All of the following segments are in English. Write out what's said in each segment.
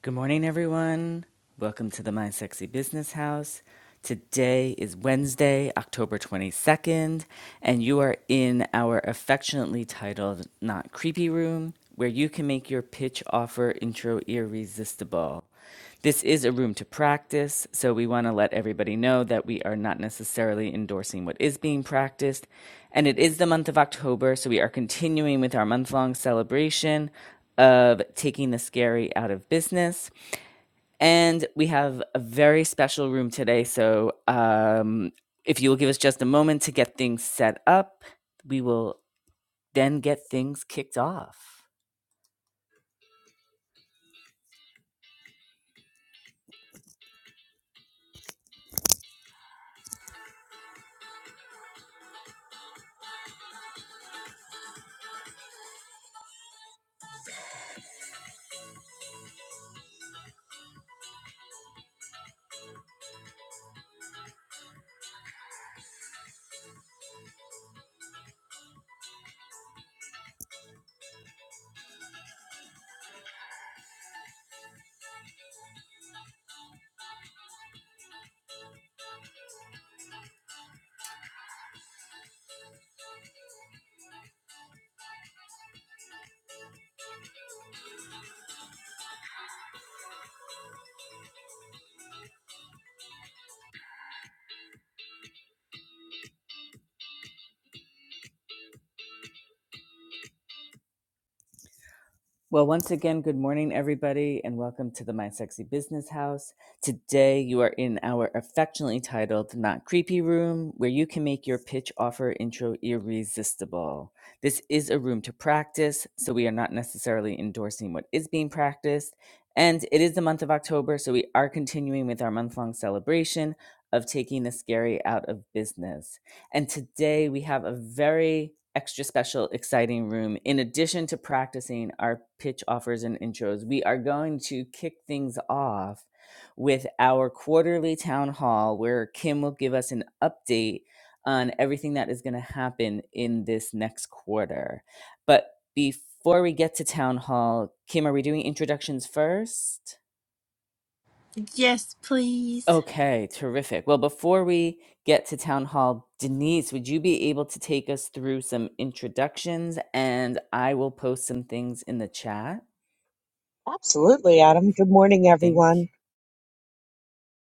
Good morning, everyone. Welcome to the Mind Sexy Business House. Today is Wednesday, October 22nd, and you are in our affectionately titled Not Creepy Room, where you can make your pitch offer intro irresistible. This is a room to practice, so we want to let everybody know that we are not necessarily endorsing what is being practiced. And it is the month of October, so we are continuing with our month long celebration of taking the scary out of business. And we have a very special room today. So um, if you will give us just a moment to get things set up, we will then get things kicked off. Well, once again, good morning, everybody, and welcome to the My Sexy Business House. Today, you are in our affectionately titled Not Creepy Room, where you can make your pitch offer intro irresistible. This is a room to practice, so we are not necessarily endorsing what is being practiced. And it is the month of October, so we are continuing with our month long celebration of taking the scary out of business. And today we have a very extra special, exciting room. In addition to practicing our pitch offers and intros, we are going to kick things off with our quarterly town hall where Kim will give us an update on everything that is going to happen in this next quarter. But before we get to town hall, Kim, are we doing introductions first? Yes, please. Okay, terrific. Well, before we get to town hall, Denise, would you be able to take us through some introductions and I will post some things in the chat? Absolutely, Adam. Good morning, Thank everyone.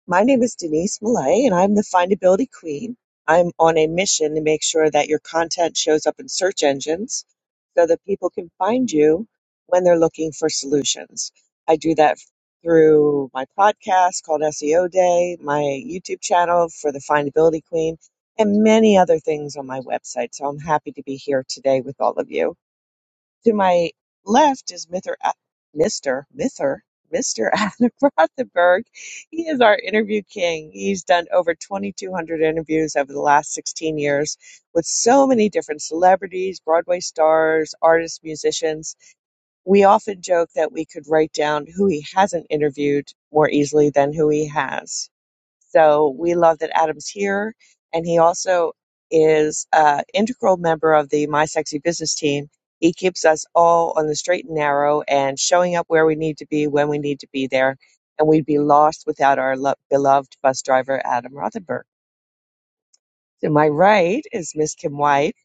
My name is Denise Millay, and I'm the findability queen. I'm on a mission to make sure that your content shows up in search engines so that people can find you when they're looking for solutions. I do that through my podcast called SEO Day, my YouTube channel for the findability queen, and many other things on my website. So I'm happy to be here today with all of you. To my left is Mr. A- Mr. Mr. Mr. Adam Rothenberg. He is our interview king. He's done over 2,200 interviews over the last 16 years with so many different celebrities, Broadway stars, artists, musicians. We often joke that we could write down who he hasn't interviewed more easily than who he has. So we love that Adam's here, and he also is an integral member of the My Sexy Business team. He keeps us all on the straight and narrow and showing up where we need to be when we need to be there. And we'd be lost without our lo- beloved bus driver, Adam Rothenberg. To my right is Miss Kim White.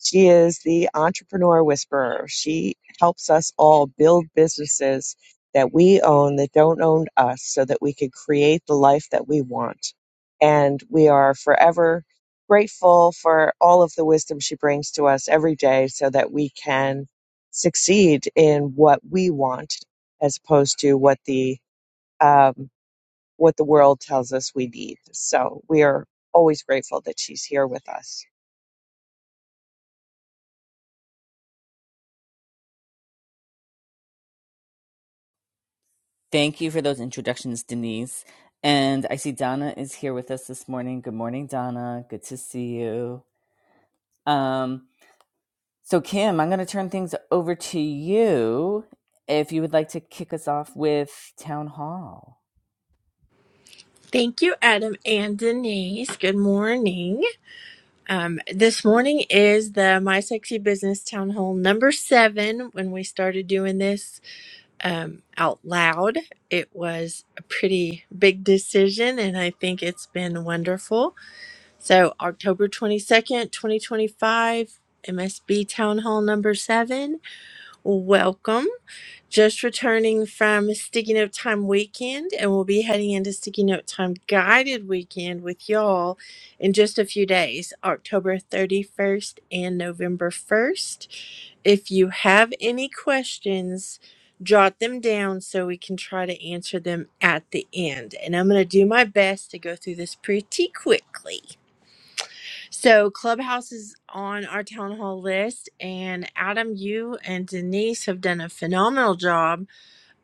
She is the entrepreneur whisperer. She helps us all build businesses that we own that don't own us so that we can create the life that we want. And we are forever grateful for all of the wisdom she brings to us every day so that we can succeed in what we want as opposed to what the um, what the world tells us we need. So we are always grateful that she's here with us. thank you for those introductions, Denise. And I see Donna is here with us this morning. Good morning, Donna. Good to see you. Um, so Kim, I'm going to turn things over to you if you would like to kick us off with town hall. Thank you, Adam and Denise. Good morning. Um, this morning is the My Sexy Business Town Hall number seven. When we started doing this um, out loud, it was a pretty big decision, and I think it's been wonderful. So, October 22nd, 2025, MSB Town Hall number seven. Welcome. Just returning from Sticky Note Time weekend, and we'll be heading into Sticky Note Time guided weekend with y'all in just a few days, October 31st and November 1st. If you have any questions, jot them down so we can try to answer them at the end. And I'm going to do my best to go through this pretty quickly. So, Clubhouse is on our town hall list, and Adam, you and Denise have done a phenomenal job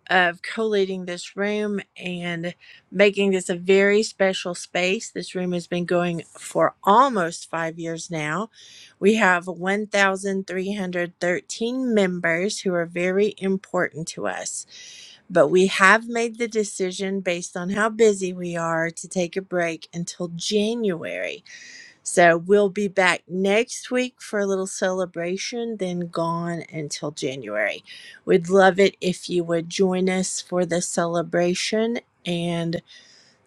of collating this room and making this a very special space. This room has been going for almost five years now. We have 1,313 members who are very important to us, but we have made the decision based on how busy we are to take a break until January. So we'll be back next week for a little celebration, then gone until January. We'd love it if you would join us for the celebration and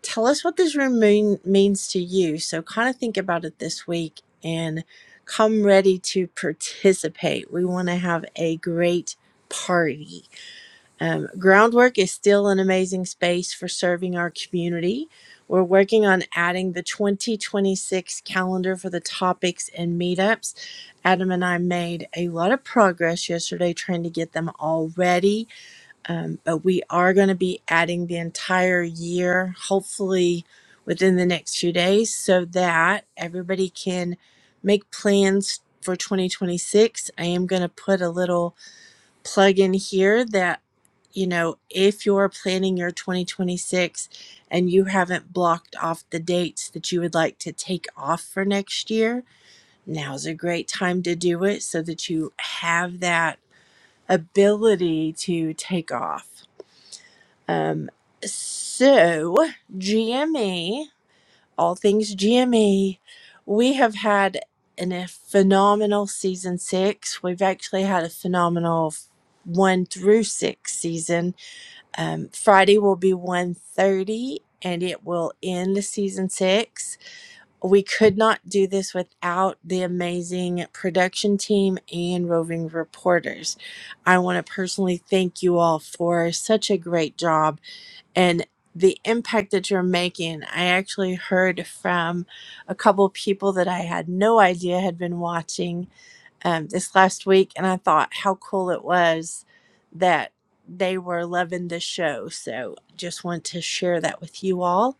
tell us what this room mean, means to you. So kind of think about it this week and come ready to participate. We want to have a great party. Um, Groundwork is still an amazing space for serving our community. We're working on adding the 2026 calendar for the topics and meetups. Adam and I made a lot of progress yesterday trying to get them all ready, um, but we are going to be adding the entire year, hopefully within the next few days, so that everybody can make plans for 2026. I am going to put a little plug in here that you know if you're planning your 2026 and you haven't blocked off the dates that you would like to take off for next year now's a great time to do it so that you have that ability to take off um, so gme all things GME. We have had an, a phenomenal season six. We've actually had a phenomenal one through six season. Um, Friday will be one thirty, and it will end the season six. We could not do this without the amazing production team and roving reporters. I want to personally thank you all for such a great job and the impact that you're making. I actually heard from a couple people that I had no idea had been watching um, this last week, and I thought how cool it was that they were loving the show. So just want to share that with you all.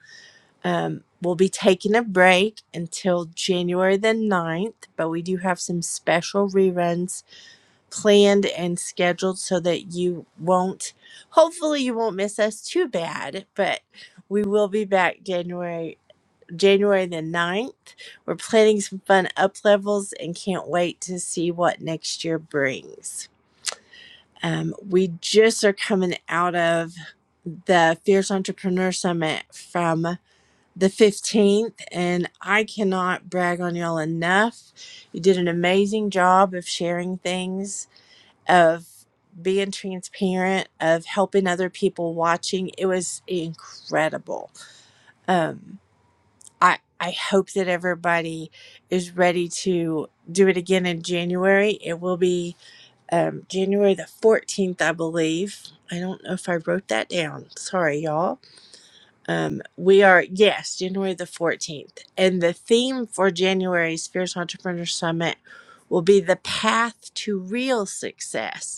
Um, we'll be taking a break until January the ninth, but we do have some special reruns planned and scheduled so that you won't hopefully you won't miss us too bad but we will be back january january the ninth. we're planning some fun up levels and can't wait to see what next year brings um, we just are coming out of the fierce entrepreneur summit from the 15th and i cannot brag on y'all enough you did an amazing job of sharing things of being transparent, of helping other people watching. It was incredible. Um, I I hope that everybody is ready to do it again in January. It will be um, January the fourteenth, I believe. I don't know if I wrote that down. Sorry, y'all. Um, we are yes, January the fourteenth, and the theme for January's Fierce Entrepreneur Summit will be the path to real success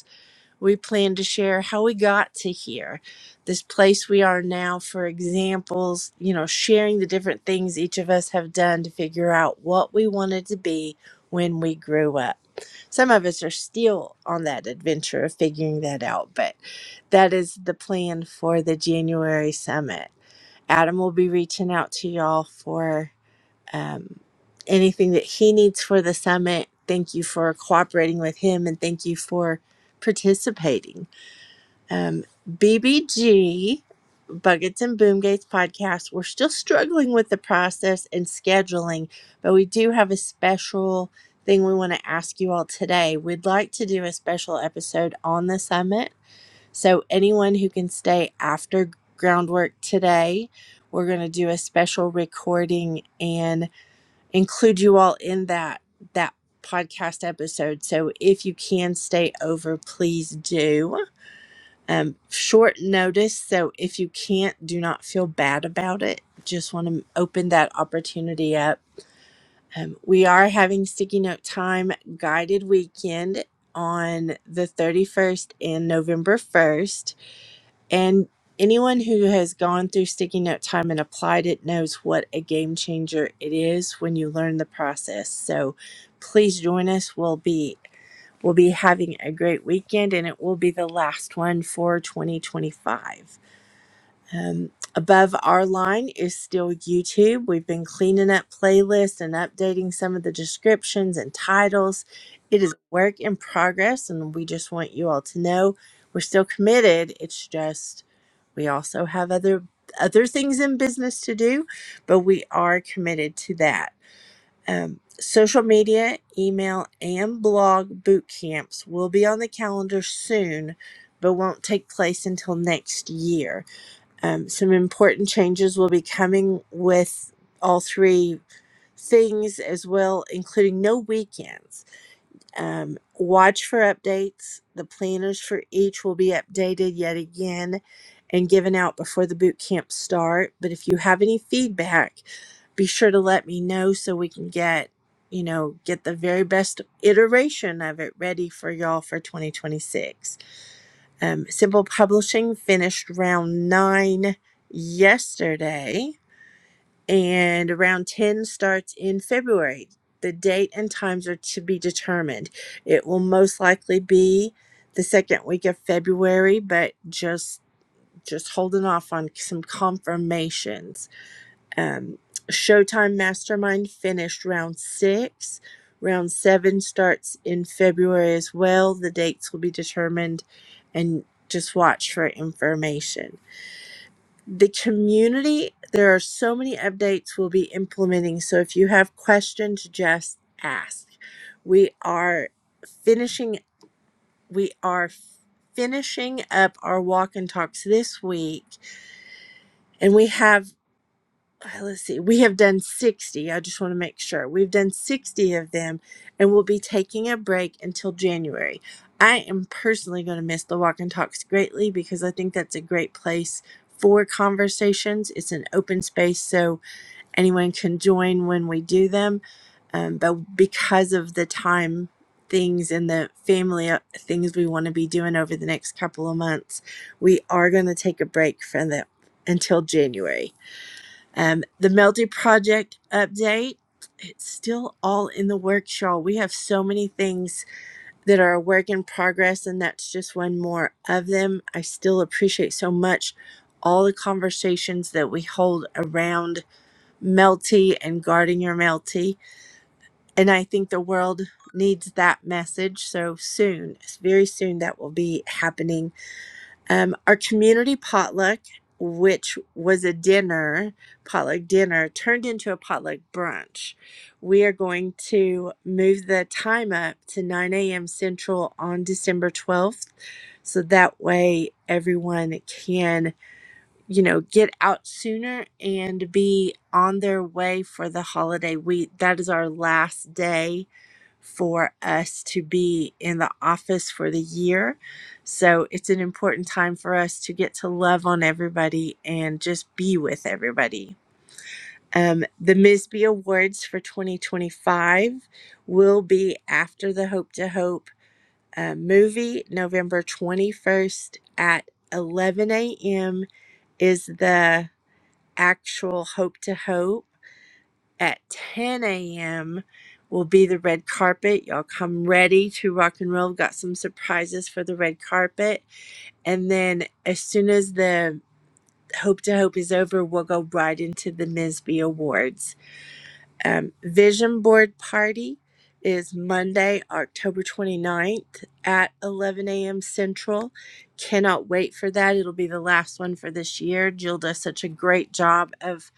we plan to share how we got to here, this place we are now, for examples, you know, sharing the different things each of us have done to figure out what we wanted to be when we grew up. Some of us are still on that adventure of figuring that out, but that is the plan for the January summit. Adam will be reaching out to y'all for um, anything that he needs for the summit. Thank you for cooperating with him and thank you for participating um, BBG, Buckets and Boomgates podcast, we're still struggling with the process and scheduling, but we do have a special thing we want to ask you all today. We'd like to do a special episode on the summit. So, anyone who can stay after groundwork today, we're going to do a special recording and include you all in that that podcast episode. So if you can stay over, please do um, short notice. So if you can't, do not feel bad about it. Just want to open that opportunity up. Um, we are having Sticky Note Time guided weekend on the 31st and November 1st. And anyone who has gone through Sticky Note Time and applied it knows what a game changer it is when you learn the process. So please join us. We'll be will be having a great weekend and it will be the last one for 2025. Um, above our line is still YouTube. We've been cleaning up playlists and updating some of the descriptions and titles. It is work in progress, and we just want you all to know we're still committed. It's just we also have other other things in business to do, but we are committed to that. Um, social media, email, and blog boot camps will be on the calendar soon, but won't take place until next year. Um, some important changes will be coming with all three things as well, including no weekends. Um, watch for updates. The planners for each will be updated yet again and given out before the boot camp start. But if you have any feedback, be sure to let me know so we can get, you know, get the very best iteration of it ready for y'all for 2026. Um, Simple Publishing finished round nine yesterday and round 10 starts in February. The date and times are to be determined. It will most likely be the second week of February, but just just holding off on some confirmations. Um, Showtime Mastermind finished round six. Round seven starts in February as well. The dates will be determined, and just watch for information the community there are so many updates we'll be implementing so if you have questions just ask we are finishing we are finishing up our walk and talks this week and we have uh, let's see, we have done 60. I just want to make sure. We've done 60 of them and we'll be taking a break until January. I am personally going to miss the walk and talks greatly because I think that's a great place for conversations. It's an open space, so anyone can join when we do them. Um, but because of the time things and the family uh, things we want to be doing over the next couple of months, we are going to take a break from them until January um, the Melty Project update, it's still all in the works, y'all. We have so many things that are a work in progress, and that's just one more of them. I still appreciate so much all the conversations that we hold around Melty and guarding your Melty. And I think the world needs that message. So soon, very soon, that will be happening um, our community potluck, which was a dinner, potluck dinner, turned into a potluck brunch. We are going to move the time up to 9 a.m. Central on December 12th. So that way everyone can, you know, get out sooner and be on their way for the holiday. We that is our last day for us to be in the office for the year. So it's an important time for us to get to love on everybody and just be with everybody. Um, the MISBE Awards for 2025 will be after the Hope to Hope uh, movie, November 21st at 11 a.m. is the actual Hope to Hope at 10 a.m. will be the red carpet. Y'all come ready to rock and roll. We've Got some surprises for the red carpet. And then as soon as the Hope to Hope is over, we'll go right into the Misby Awards. Um, Vision Board Party is Monday, October 29th at 11 a.m. Central. Cannot wait for that. It'll be the last one for this year. Jill does such a great job of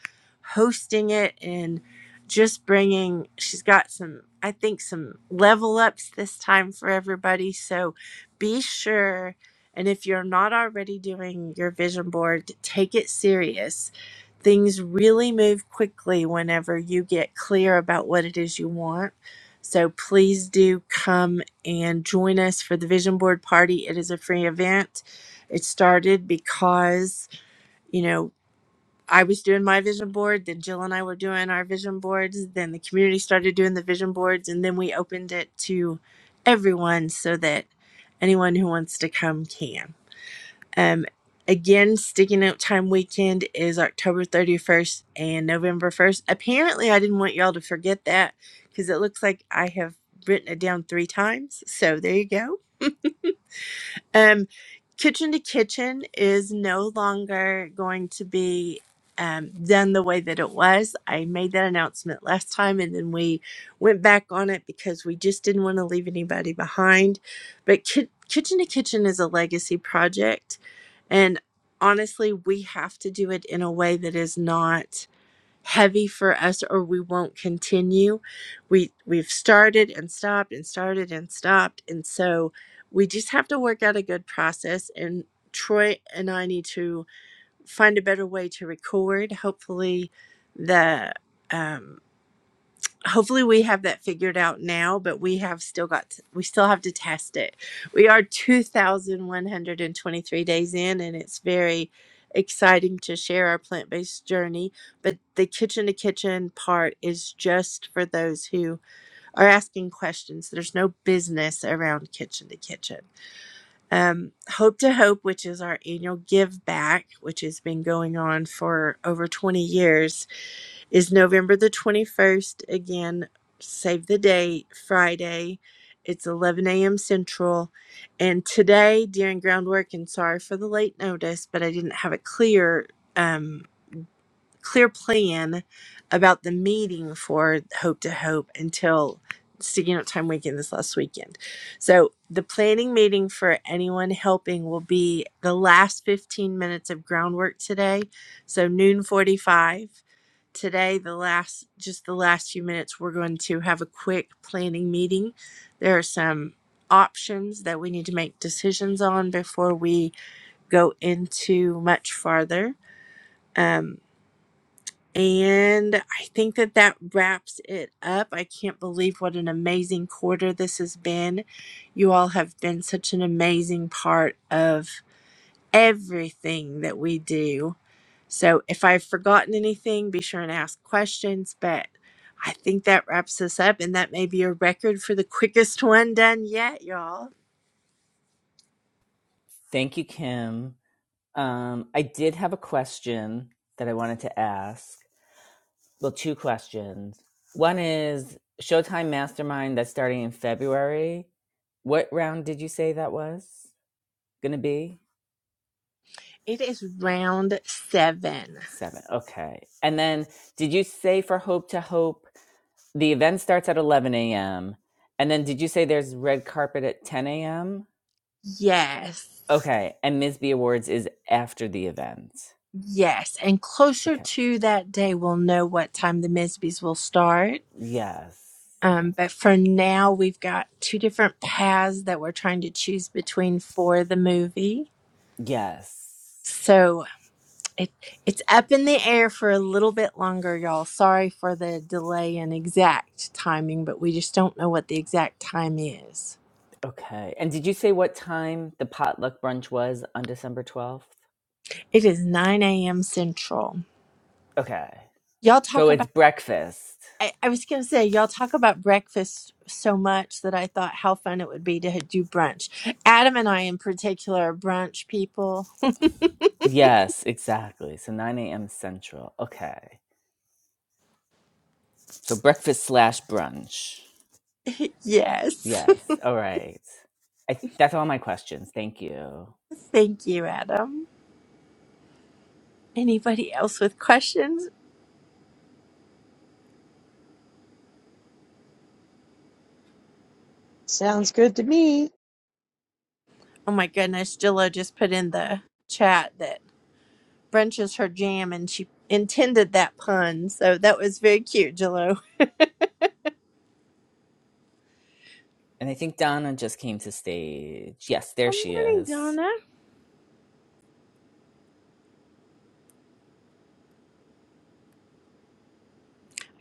hosting it and just bringing, she's got some, I think, some level ups this time for everybody. So be sure. And if you're not already doing your vision board, take it serious things really move quickly whenever you get clear about what it is you want. So please do come and join us for the vision board party. It is a free event. It started because, you know, I was doing my vision board, then Jill and I were doing our vision boards, then the community started doing the vision boards, and then we opened it to everyone so that anyone who wants to come can. Um, again, sticking out time weekend is October 31st and November 1st. Apparently, I didn't want y'all to forget that because it looks like I have written it down three times. So there you go. Um, kitchen to kitchen is no longer going to be um, done the way that it was. I made that announcement last time and then we went back on it because we just didn't want to leave anybody behind. But ki- kitchen to kitchen is a legacy project. And honestly, we have to do it in a way that is not heavy for us or we won't continue. We we've started and stopped and started and stopped and so we just have to work out a good process and Troy and I need to find a better way to record. Hopefully the um hopefully we have that figured out now but we have still got to, we still have to test it we are 2123 days in and it's very exciting to share our plant-based journey but the kitchen to kitchen part is just for those who are asking questions there's no business around kitchen to kitchen um, hope to hope which is our annual give back which has been going on for over 20 years is November the 21st. Again, save the date, Friday. It's 11 a.m. Central. And today, during groundwork, and sorry for the late notice, but I didn't have a clear, um, clear plan about the meeting for Hope to Hope until Sticking Up Time weekend this last weekend. So, the planning meeting for anyone helping will be the last 15 minutes of groundwork today. So, noon 45 today the last just the last few minutes we're going to have a quick planning meeting there are some options that we need to make decisions on before we go into much farther um, and i think that that wraps it up i can't believe what an amazing quarter this has been you all have been such an amazing part of everything that we do so if I've forgotten anything, be sure and ask questions. But I think that wraps us up, and that may be a record for the quickest one done yet, y'all. Thank you, Kim. Um, I did have a question that I wanted to ask. Well, two questions. One is Showtime Mastermind that's starting in February. What round did you say that was going to be? It is round seven. Seven. Okay. And then did you say for Hope to Hope, the event starts at 11 a.m.? And then did you say there's red carpet at 10 a.m.? Yes. Okay. And Ms. B Awards is after the event. Yes. And closer Okay. to that day, we'll know what time the Misbies will start. Yes. Um, but for now, we've got two different paths that we're trying to choose between for the movie. Yes. So It it's up in the air for a little bit longer, y'all. Sorry for the delay in exact timing, but we just don't know what the exact time is. Okay. And did you say what time the potluck brunch was on December 12th? It is 9 a.m. Central. Okay. Y'all So talk it's about breakfast. I, I was gonna say, y'all talk about breakfast so much that I thought how fun it would be to do brunch. Adam and I in particular are brunch people. Yes, exactly. So 9 a.m. Central. Okay. So breakfast slash brunch. yes. Yes. All right. I, that's all my questions. Thank you. Thank you, Adam. Anybody else with questions? Oh my goodness, Jilla just put in the chat that. brunch is her jam, and she intended that pun. So that was very cute, Jello. And I think Donna just came to stage. Yes, Good there she morning, is. Donna.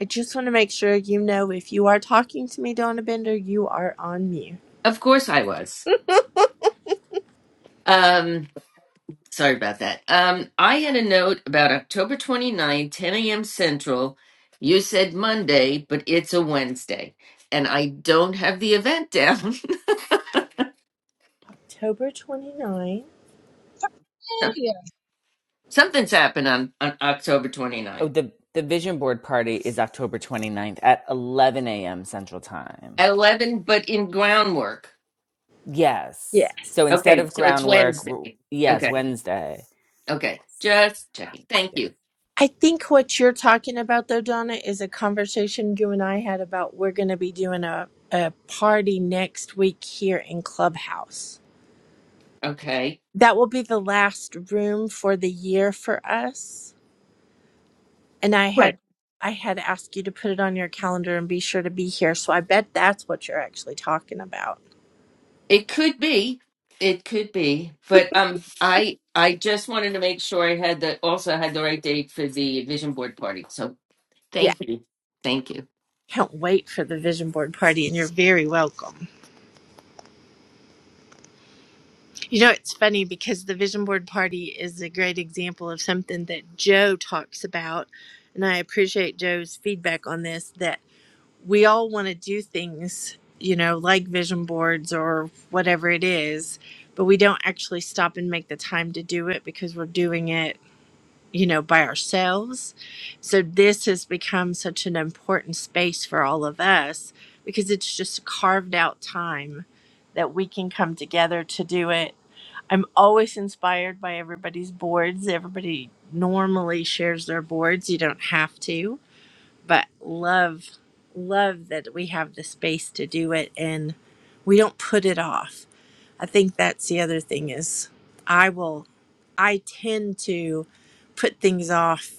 I just want to make sure you know if you are talking to me, Donna Bender, you are on mute. Of course I was. Um, sorry about that. Um, I had a note about October 29, 10 a.m. Central. You said Monday, but it's a Wednesday. And I don't have the event down. October 29. Hey, Something's happened on, on October Oh, 29th the, the vision board party is October 29th at 11 a.m. Central Time. at 11, but in groundwork. Yeah. Yes. So instead Okay, of so it's groundwork, Wednesday. w- yes, Okay, Wednesday. okay. Yes. Just checking. Thank Yeah. you. I think what you're talking about, though, Donna, is a conversation you and I had about we're going to be doing a, a party next week here in Clubhouse. Okay. That will be the last room for the year for us and I had I had asked you to put it on your calendar and be sure to be here. So I bet that's what you're actually talking about. It could be. It could be. But um I I just wanted to make sure I had the also had the right date for the vision board party. So Yeah. thank you. Thank you. Can't wait for the vision board party and you're very welcome. You know, it's funny because the vision board party is a great example of something that Joe talks about and I appreciate Joe's feedback on this that we all want to do things, you know, like vision boards or whatever it is, but we don't actually stop and make the time to do it because we're doing it you know, by ourselves. So this has become such an important space for all of us because it's just carved out time that we can come together to do it. I'm always inspired by everybody's boards. Everybody normally shares their boards. You don't have to, but love love that we have the space to do it and we don't put it off I think that's the other thing is I will I tend to put things off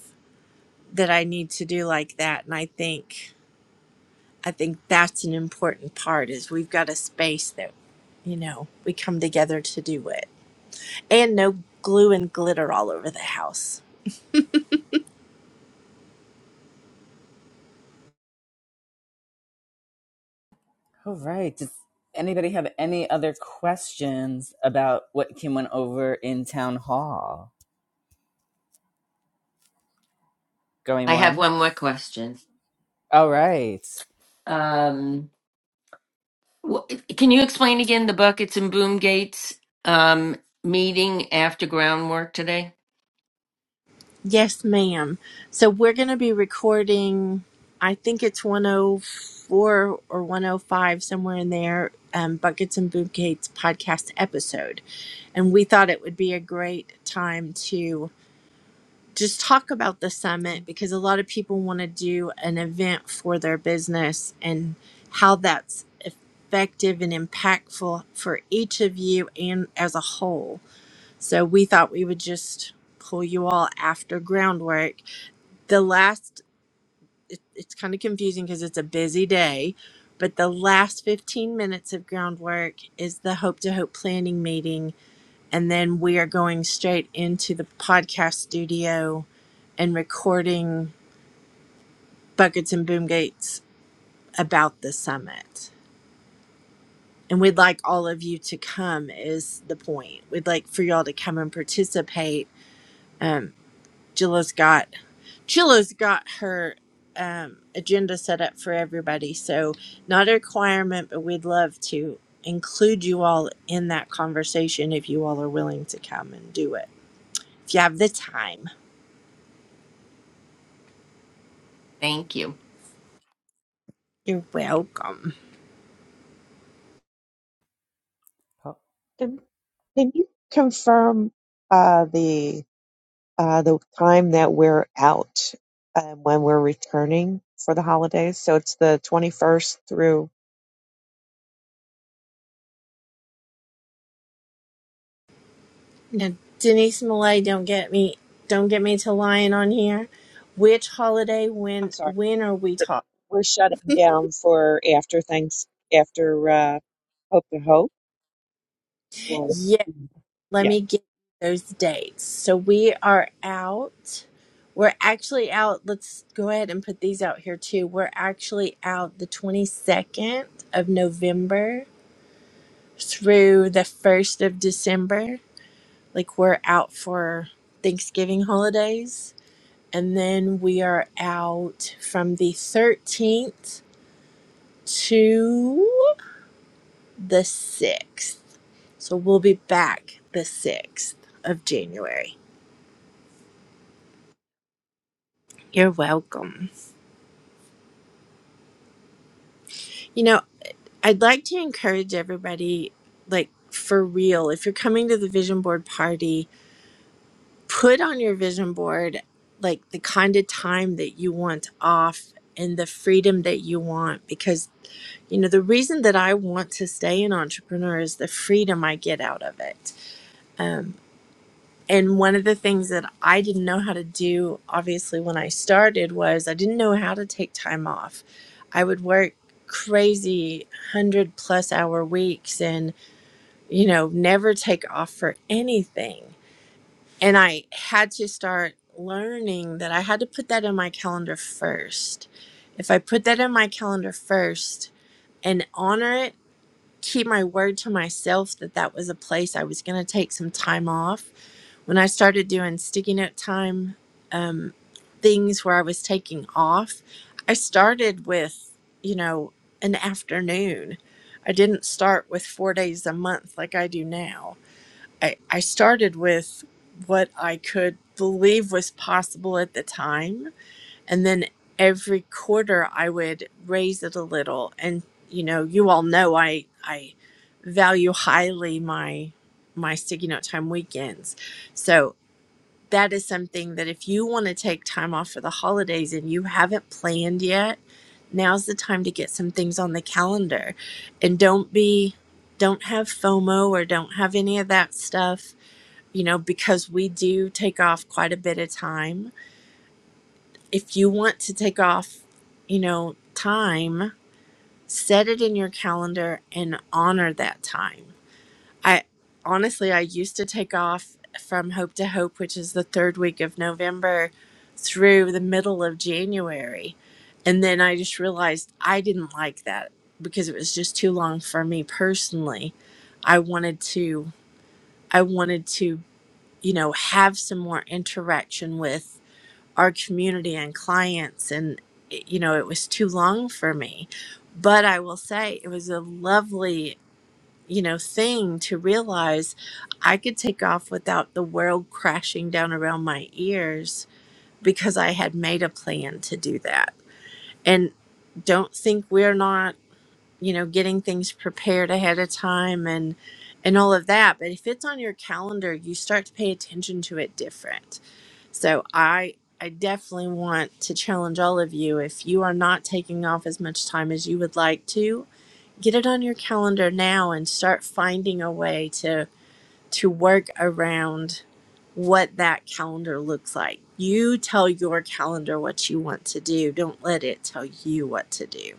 that I need to do like that and I think I think that's an important part is we've got a space that you know we come together to do it and no glue and glitter all over the house. All right. Does anybody have any other questions about what Kim went over in town hall? Going I have once? one more question. All right. Um wh- can you explain again the buckets and boom gates um meeting after groundwork today? Yes, ma'am. So we're going to be recording, I think it's 104 or 105, somewhere in there, um, Buckets and Boobcakes podcast episode. And we thought it would be a great time to just talk about the summit because a lot of people want to do an event for their business and how that's effective and impactful for each of you and as a whole. So we thought we would just pull you all after groundwork the last it, it's kind of confusing because it's a busy day but the last 15 minutes of groundwork is the hope to hope planning meeting and then we are going straight into the podcast studio and recording buckets and boom gates about the summit and we'd like all of you to come is the point we'd like for y'all to come and participate um, Jilla's got. Chilla's got her um, agenda set up for everybody. So, not a requirement, but we'd love to include you all in that conversation if you all are willing to come and do it. If you have the time, Thank you. you're welcome. Oh, Can can you confirm uh, the uh, the time that we're out and when we're returning for the holidays? So it's the 21st through. Now, Denise Malay, don't get me, don't get me to lying on here. Which holiday? I'm When? sorry, When are we talking? we're shutting down for after thanks after uh, Hope to Hope. Or, Let yeah. me get those dates. So we are out. We're actually out. Let's go ahead and put these out here too. We're actually out the 22nd of November through the 1st of December. Like we're out for Thanksgiving holidays. And then we are out from the 13th to the 6th. So we'll be back the 6th of January. You're welcome. You know, I'd like to encourage everybody, like for real, if you're coming to the vision board party, put on your vision board like the kind of time that you want off and the freedom that you want. Because, you know, the reason that I want to stay an entrepreneur is the freedom I get out of it. Um, and one of the things that I didn't know how to do, obviously, when I started was I didn't know how to take time off. I would work crazy 100 plus hour weeks and, you know, never take off for anything. And I had to start learning that I had to put that in my calendar first. If I put that in my calendar first and honor it, keep my word to myself that that was a place I was going to take some time off when I started doing sticky note time um, things where I was taking off, I started with, you know, an afternoon. I didn't start with four days a month like I do now. I, I started with what I could believe was possible at the time. And then every quarter I would raise it a little. And, you know, you all know I, I value highly my my sticky note time weekends. So that is something that if you want to take time off for the holidays and you haven't planned yet, now's the time to get some things on the calendar. And don't be don't have FOMO or don't have any of that stuff, you know, because we do take off quite a bit of time. If you want to take off, you know, time, set it in your calendar and honor that time. I honestly, I used to take off from Hope to Hope, which is the third week of November, through the middle of January. And then I just realized I didn't like that because it was just too long for me personally. I wanted to, I wanted to, you know, have some more interaction with our community and clients. And, you know, it was too long for me. But I will say it was a lovely you know thing to realize i could take off without the world crashing down around my ears because i had made a plan to do that and don't think we're not you know getting things prepared ahead of time and and all of that but if it's on your calendar you start to pay attention to it different so i i definitely want to challenge all of you if you are not taking off as much time as you would like to get it on your calendar now and start finding a way to to work around what that calendar looks like. You tell your calendar what you want to do. Don't let it tell you what to do.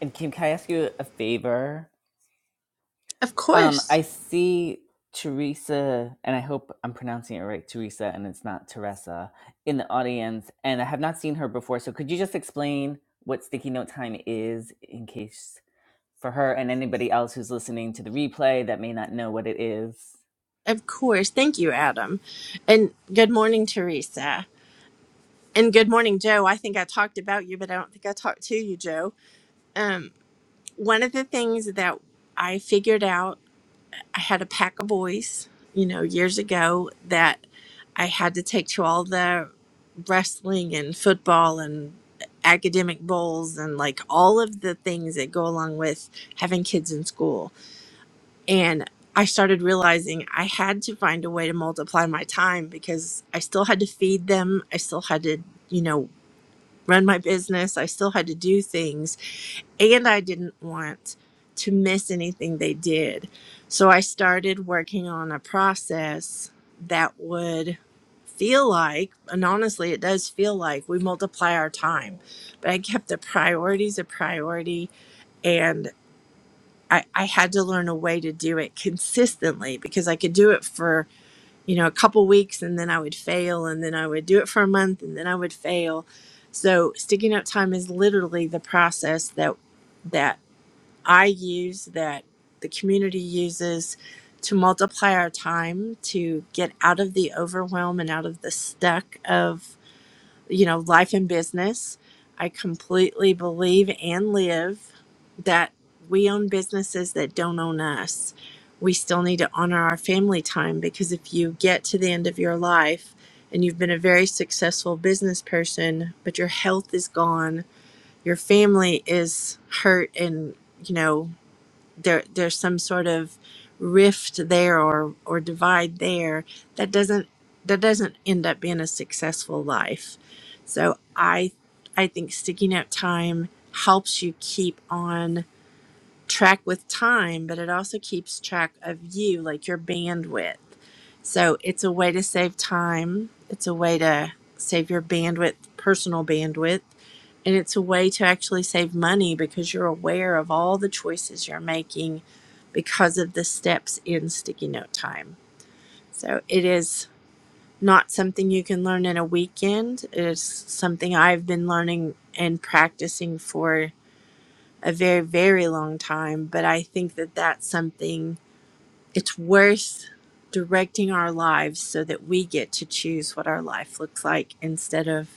And Kim, can I ask you a favor? Of Um, course. I see Teresa, and I hope I'm pronouncing it right, Teresa, and it's not Teresa, in the audience, and I have not seen her before. So could you just explain what sticky note time is in case for her and anybody else who's listening to the replay that may not know what it is. Of course. Thank you, Adam. And good morning, Teresa. And good morning, Joe. I think I talked about you, but I don't think I talked to you, Joe. Um, one of the things that I figured out I had a pack of boys, you know, years ago that I had to take to all the wrestling and football and academic bowls and like all of the things that go along with having kids in school. And I started realizing I had to find a way to multiply my time because I still had to feed them. I still had to, you know, run my business. I still had to do things and I didn't want to miss anything they did. So I started working on a process that would feel like, and honestly, it does feel like we multiply our time, but I kept the priorities a priority and I, I had to learn a way to do it consistently because I could do it for, you know, a couple weeks and then I would fail and then I would do it for a month and then I would fail. So sticking up time is literally the process that that I use that the community uses to multiply our time to get out of the overwhelm and out of the stuck of you know life and business. I completely believe and live that we own businesses that don't own us. We still need to honor our family time because if you get to the end of your life and you've been a very successful business person, but your health is gone, your family is hurt and you know there there's some sort of rift there or or divide there that doesn't that doesn't end up being a successful life so i i think sticking out time helps you keep on track with time but it also keeps track of you like your bandwidth so it's a way to save time it's a way to save your bandwidth personal bandwidth and it's a way to actually save money because you're aware of all the choices you're making because of the steps in sticky note time. So it is not something you can learn in a weekend. It is something I've been learning and practicing for a very, very long time. But I think that that's something it's worth directing our lives so that we get to choose what our life looks like instead of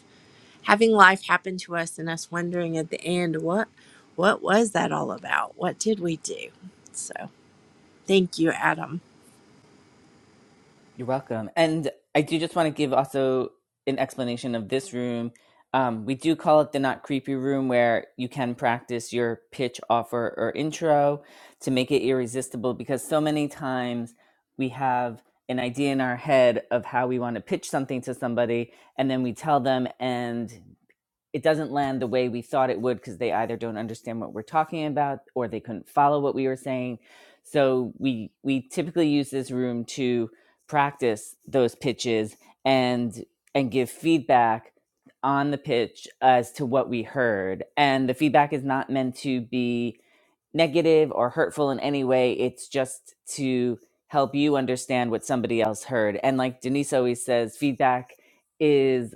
having life happen to us and us wondering at the end what what was that all about what did we do so thank you adam You're welcome. And I do just want to give also an explanation of this room. Um, we do call it the not creepy room where you can practice your pitch, offer, or intro to make it irresistible because so many times we have an idea in our head of how we want to pitch something to somebody and then we tell them and it doesn't land the way we thought it would because they either don't understand what we're talking about or they couldn't follow what we were saying so we we typically use this room to practice those pitches and and give feedback on the pitch as to what we heard and the feedback is not meant to be negative or hurtful in any way it's just to help you understand what somebody else heard and like denise always says feedback is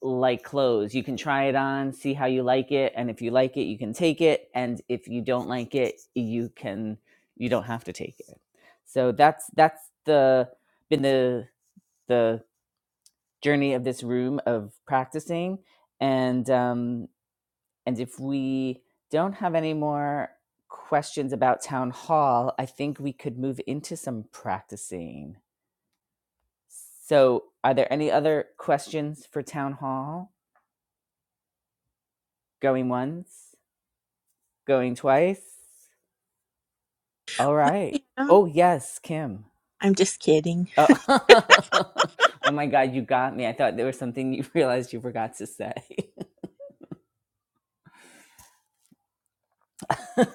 like clothes. You can try it on, see how you like it, and if you like it, you can take it, and if you don't like it, you can you don't have to take it. So that's that's the been the the journey of this room of practicing, and um, and if we don't have any more questions about town hall, I think we could move into some practicing. So, are there any other questions for town hall going once? Going twice? All what right. adam Oh, yes, Kim. i'm just kidding Oh. oh my God, you got me. I thought there was something you realized you forgot to say.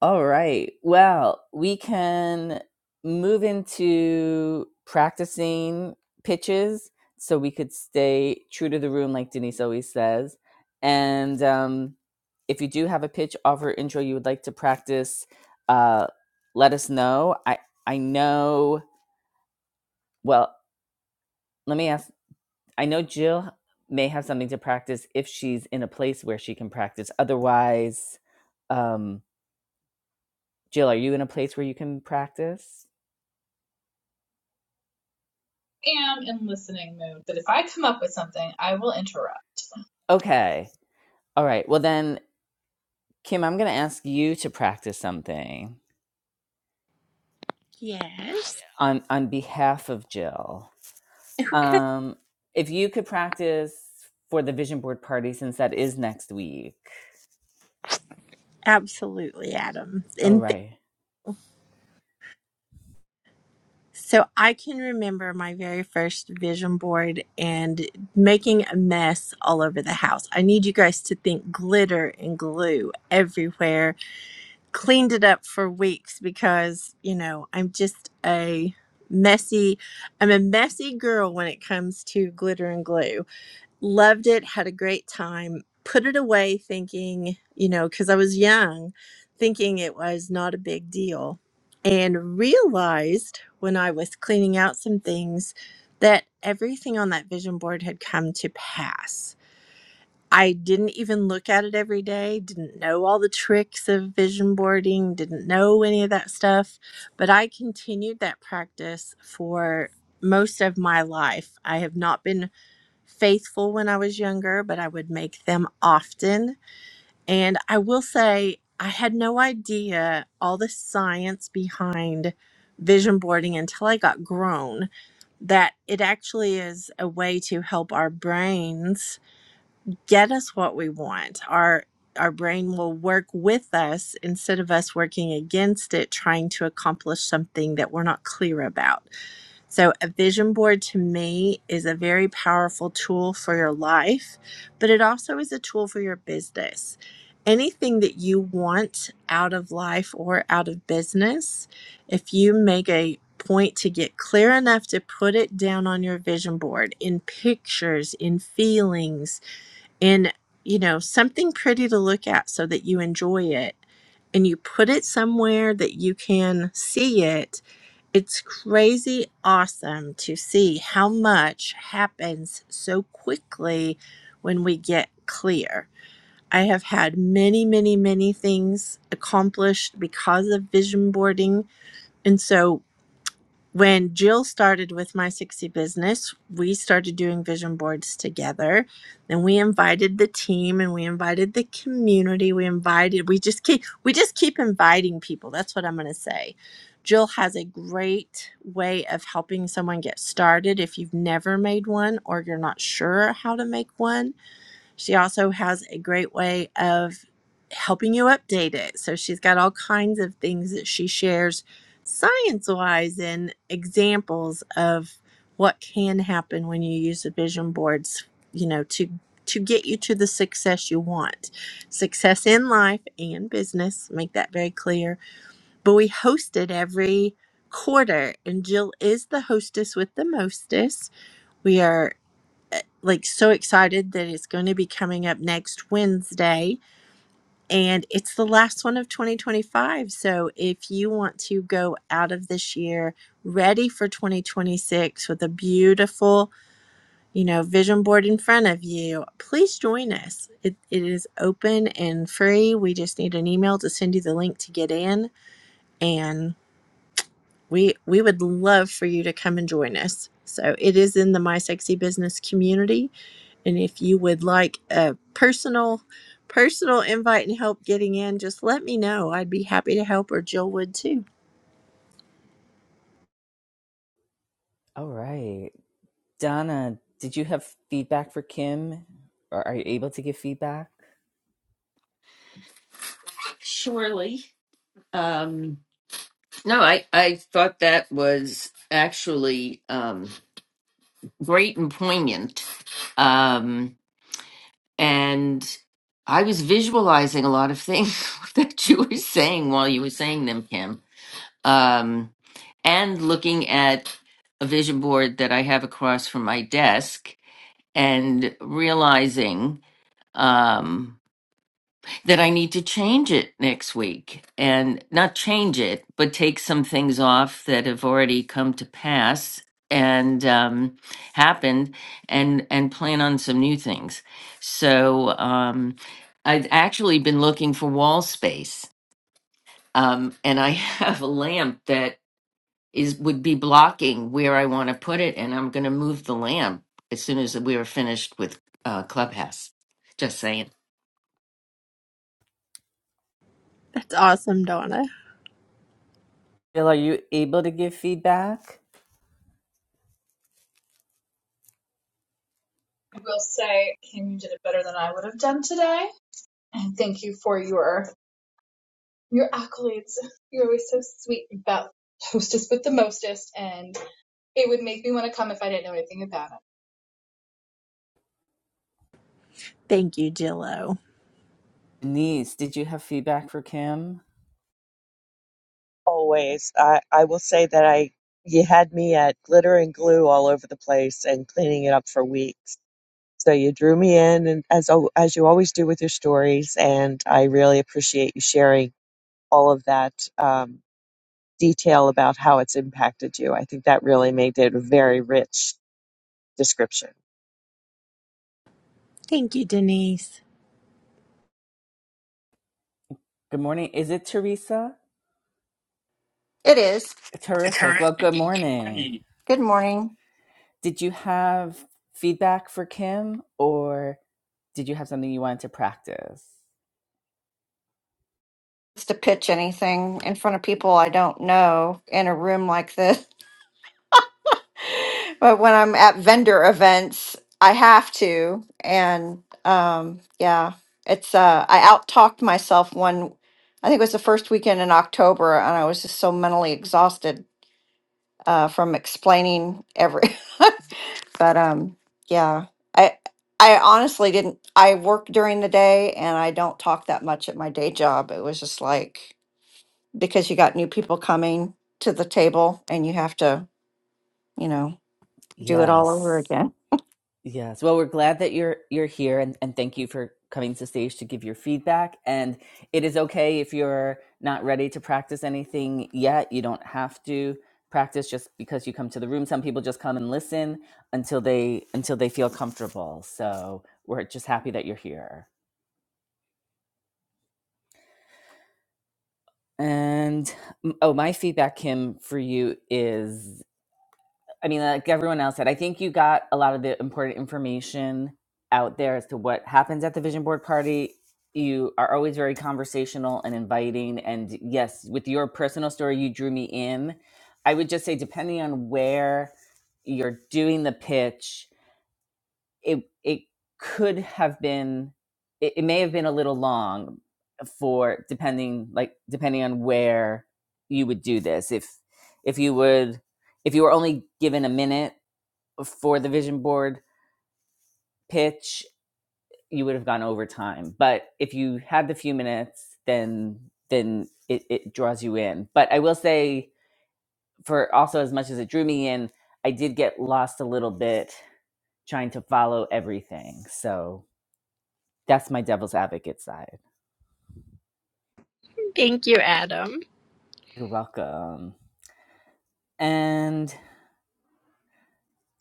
All right. Well, we can move into practicing pitches so we could stay true to the room, like Denise always says. And um, if you do have a pitch, offer, intro you would like to practice, uh, let us know. I, I know Well, let me ask. I know Jill may have something to practice if she's in a place where she can practice. Otherwise, um, Jill, are you in a place where you can practice? I am in listening mood, but if I come up with something, I will interrupt. Okay. All right. Well, then, Kim, I'm going to ask you to practice something yes on on behalf of Jill. Um, if you could practice for the vision board party, since that is next week. absolutely adam All and right. So I can remember my very first vision board and making a mess all over the house. I need you guys to think glitter and glue everywhere. Cleaned it up for weeks because, you know, I'm just a messy I'm a messy girl when it comes to glitter and glue loved it, had a great time, put it away thinking, you know, because I was young, thinking it was not a big deal, and realized when I was cleaning out some things that everything on that vision board had come to pass. I didn't even look at it every day, didn't know all the tricks of vision boarding, didn't know any of that stuff, but I continued that practice for most of my life. I have not been faithful when I was younger, but I would make them often. And I will say, I had no idea all the science behind vision boarding until I got grown, that it actually is a way to help our brains get us what we want. Our our brain will work with us instead of us working against it, trying to accomplish something that we're not clear about. So, a vision board to me is a very powerful tool for your life, but it also is a tool for your business. Anything that you want out of life or out of business, if you make a point to get clear enough to put it down on your vision board in pictures, in feelings, in you know, something pretty to look at so that you enjoy it and you put it somewhere that you can see it it's crazy awesome to see how much happens so quickly when we get clear. I have had many, many, many things accomplished because of vision boarding. And so when Jill started with My 60 Business, we started doing vision boards together. And we invited the team and we invited the community. We invited, we just keep, we just keep inviting people. That's what I'm going to say. Jill has a great way of helping someone get started if you've never made one or you're not sure how to make one she also has a great way of helping you update it. So she's got all kinds of things that she shares science wise and examples of what can happen when you use the vision boards, you know, to to get you to the success you want. Success in life and business, make that very clear. But we host it every quarter and Jill is the hostess with the mostest. We are eh, like so excited that it's going to be coming up next Wednesday and it's the last one of 2025. So if you want to go out of this year ready for 2026 with a beautiful, you know, vision board in front of you, please join us. It, it is open and free. We just need an email to send you the link to get in and we we would love for you to come and join us so it is in the my sexy business community and if you would like a personal personal invite and help getting in just let me know i'd be happy to help or jill would too All right. Donna, did you have feedback for Kim? Or are you able to give feedback? Surely. Um no, I I thought that was actually um great and poignant. Um and I was visualizing a lot of things that you were saying while you were saying them, Kim. Um, and looking at a vision board that I have across from my desk and realizing, um, that I need to change it next week and not change it, but take some things off that have already come to pass and um, happened and and plan on some new things. So um, I've actually been looking for wall space um, and I have a lamp that is would be blocking where I want to put it and I'm going to move the lamp as soon as we are finished with uh, Clubhouse. Just saying. that's awesome donna Bill, are you able to give feedback? I will say, Kim, you did it better than I would have done today, and thank you for your your accolades. You're always so sweet about hostess with the mostest, and it would make me want to come if I didn't know anything about it. thank you jillo Denise, did you have feedback for Kim? Always. I, I will say that I you had me at glitter and glue all over the place and cleaning it up for weeks. So you drew me in and as al- as you always do with your stories and I really appreciate you sharing all of that um, detail about how it's impacted you. I think that really made it a very rich description. thank you denise Good morning. Is it Teresa? It is. Terrific. Well, good morning. Good morning. Did you have feedback for Kim or did you have something you wanted to practice? Just to pitch anything in front of people I don't know in a room like this. But when I'm at vendor events, I have to. And um, yeah, it's, uh, I out talked myself one, I think it was the first weekend in October, and I was just so mentally exhausted uh, from explaining every, but um, yeah, I, I honestly didn't. I work during the day and I don't talk that much at my day job. It was just like, because you got new people coming to the table and you have to, you know, do it all over Yes. again. Yes. Well, we're glad that you're you're here and, and thank you for coming to stage to give your feedback. And it is okay if you're not ready to practice anything yet. You don't have to practice just because you come to the room. Some people just come and listen until they until they feel comfortable. So we're just happy that you're here. And mm, oh, my feedback, Kim, for you is I mean, like everyone else said, I think you got a lot of the important information out there as to what happens at the vision board party. You are always very conversational and inviting. And yes, with your personal story, you drew me in. I would just say, depending on where you're doing the pitch, it it could have been, it, it may have been a little long for depending like depending on where you would do this. If if you would if you were only given a minute for the vision board pitch, you would have gone over time. But if you had the few minutes, then then it, it draws you in. But I will say, for also as much as it drew me in, I did get lost a little bit trying to follow everything. So that's my devil's advocate side. thank you adam You're welcome. And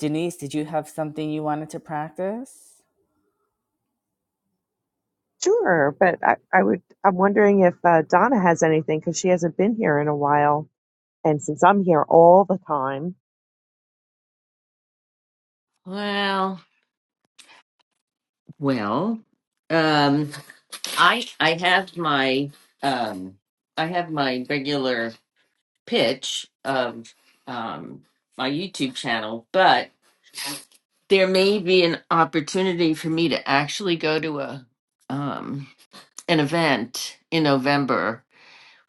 Denise, did you have something you wanted to practice? Sure, but I, I would I'm wondering if uh, Donna has anything because she hasn't been here in a while and since I'm here all the time Well. Well, um, I I have my um, I have my regular pitch of um, my YouTube channel, but there may be an opportunity for me to actually go to a um, an event in November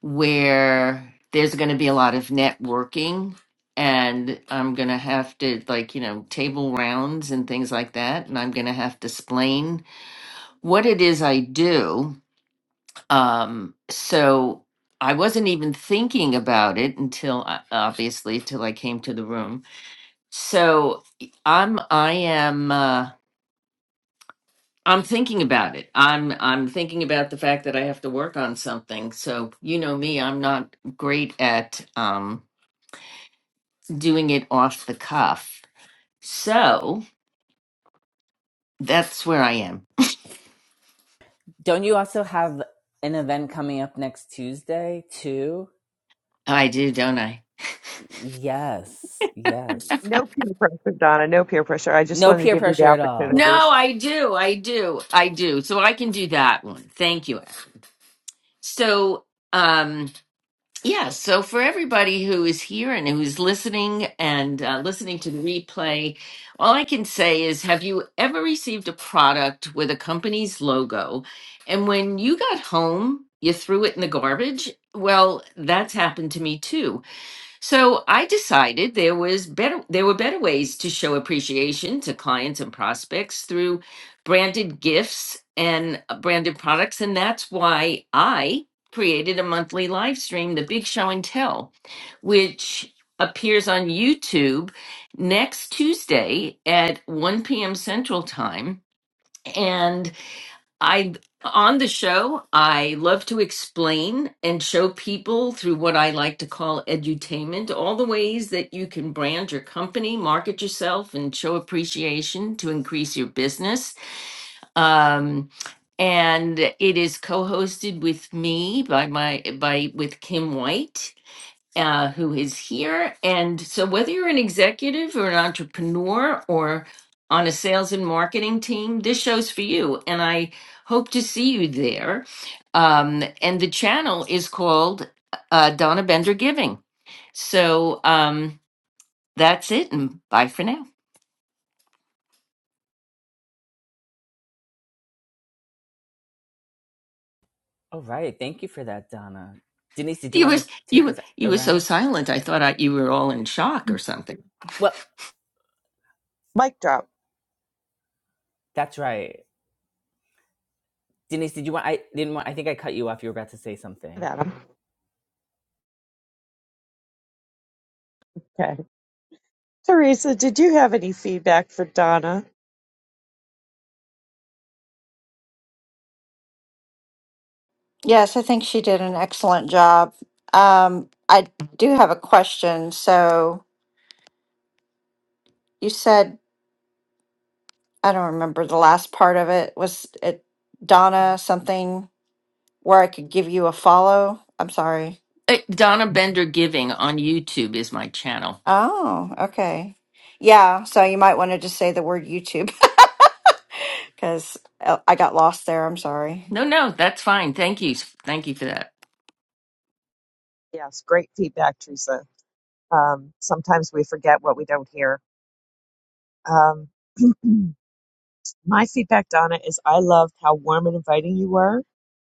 where there's going to be a lot of networking, and I'm going to have to like you know table rounds and things like that, and I'm going to have to explain what it is I do Um, so I wasn't even thinking about it until I- obviously till I came to the room. So I I'm I am uh I'm thinking about it. I'm I'm thinking about the fact that I have to work on something. So you know me, I'm not great at um doing it off the cuff. So that's where I am. Don't you also have an event coming up next Tuesday too? I do, don't I? Yes, yes. No peer pressure, Donna. No peer pressure. I just No wanted to peer give you the pressure at all. opportunity. No, I do. I do. I do. So I can do that one. Thank you. So, um Yeah, so for everybody who is here and who's listening and uh, listening to the replay, all I can say is have you ever received a product with a company's logo and when you got home, you threw it in the garbage? Well, that's happened to me too. So I decided there was better there were better ways to show appreciation to clients and prospects through branded gifts and uh, branded products and that's why I created a monthly live stream the Big Show and Tell which appears on YouTube next Tuesday at 1 p.m. Central Time. And I on the show, I love to explain and show people through what I like to call edutainment, all the ways that you can brand your company, market yourself, and show appreciation to increase your business. Um, and it is co-hosted with me by my by with Kim White uh, who is here. And so, whether you're an executive or an entrepreneur or on a sales and marketing team, this show's for you. And I hope to see you there. Um, and the channel is called uh, Donna Bender Giving. So um, that's it, and bye for now. All right. Thank you for that, Donna. Denise, did you You want to was you take us were- you were so around? silent. I thought I, you were all in shock or something. Well, Mic drop. that's right. Denise, did you want? I didn't want. I think I cut you off. You were about to say something. Adam. Okay. Teresa, did you have any feedback for Donna? Yes, I think she did an excellent job. Um, I do have a question. So you said, I don't remember the last part of it. Was it Donna something where I could give you a follow? I'm sorry. Uh, Donna Bender Giving on YouTube is my channel. Oh, okay. Yeah, so you might want to just say the word YouTube because I got lost there. I'm sorry. No, no, that's fine. Thank you, thank you for that. Yes, great feedback, Teresa. Um, sometimes we forget what we don't hear. Um, my feedback, Donna, is I loved how warm and inviting you were.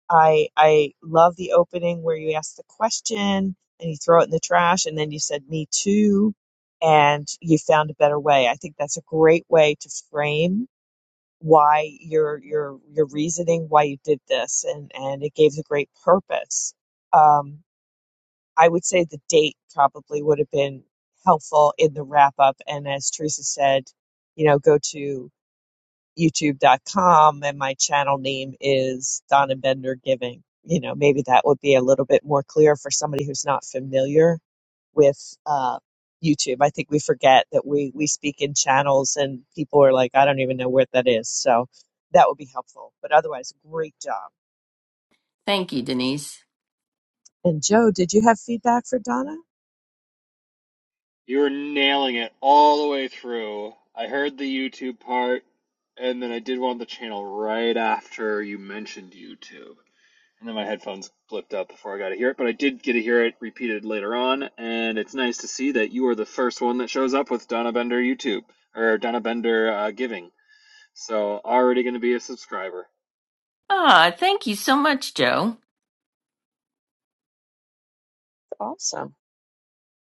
I I love the opening where you asked the question and you throw it in the trash, and then you said "me too," and you found a better way. I think that's a great way to frame why your your your reasoning why you did this and and it gave a great purpose um i would say the date probably would have been helpful in the wrap up and as teresa said you know go to youtube.com and my channel name is donna bender giving you know maybe that would be a little bit more clear for somebody who's not familiar with uh, YouTube. I think we forget that we we speak in channels, and people are like, I don't even know where that is. So that would be helpful. But otherwise, great job. Thank you, Denise. And Joe, did you have feedback for Donna? You were nailing it all the way through. I heard the YouTube part, and then I did one on the channel right after you mentioned YouTube. And then my headphones blipped up before I got to hear it, but I did get to hear it repeated later on, and it's nice to see that you are the first one that shows up with Donna Bender YouTube, or Donna Bender uh, Giving. So already going to be a subscriber. Ah, thank you so much, Joe. Awesome.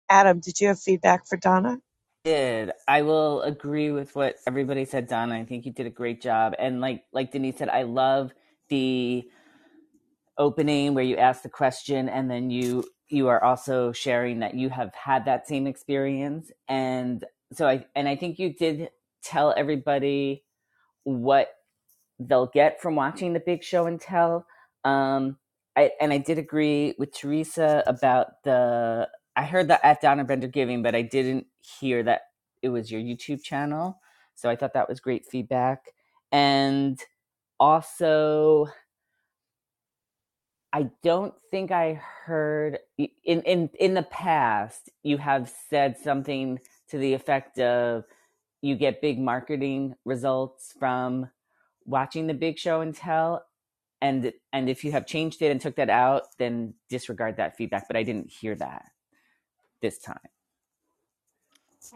Adam, did you have feedback for Donna? did. I will agree with what everybody said, Donna. I think you did a great job. And like like Denise said, I love the opening where you ask the question and then you you are also sharing that you have had that same experience. And so I and I think you did tell everybody what they'll get from watching the big show and tell. Um, I, and I did agree with Teresa about the. I heard that at Donna Bender Giving, but I didn't hear that it was your YouTube channel. So I thought that was great feedback. And also, I don't think I heard in in in the past you have said something to the effect of you get big marketing results from watching the big show and tell and and if you have changed it and took that out then disregard that feedback but i didn't hear that this time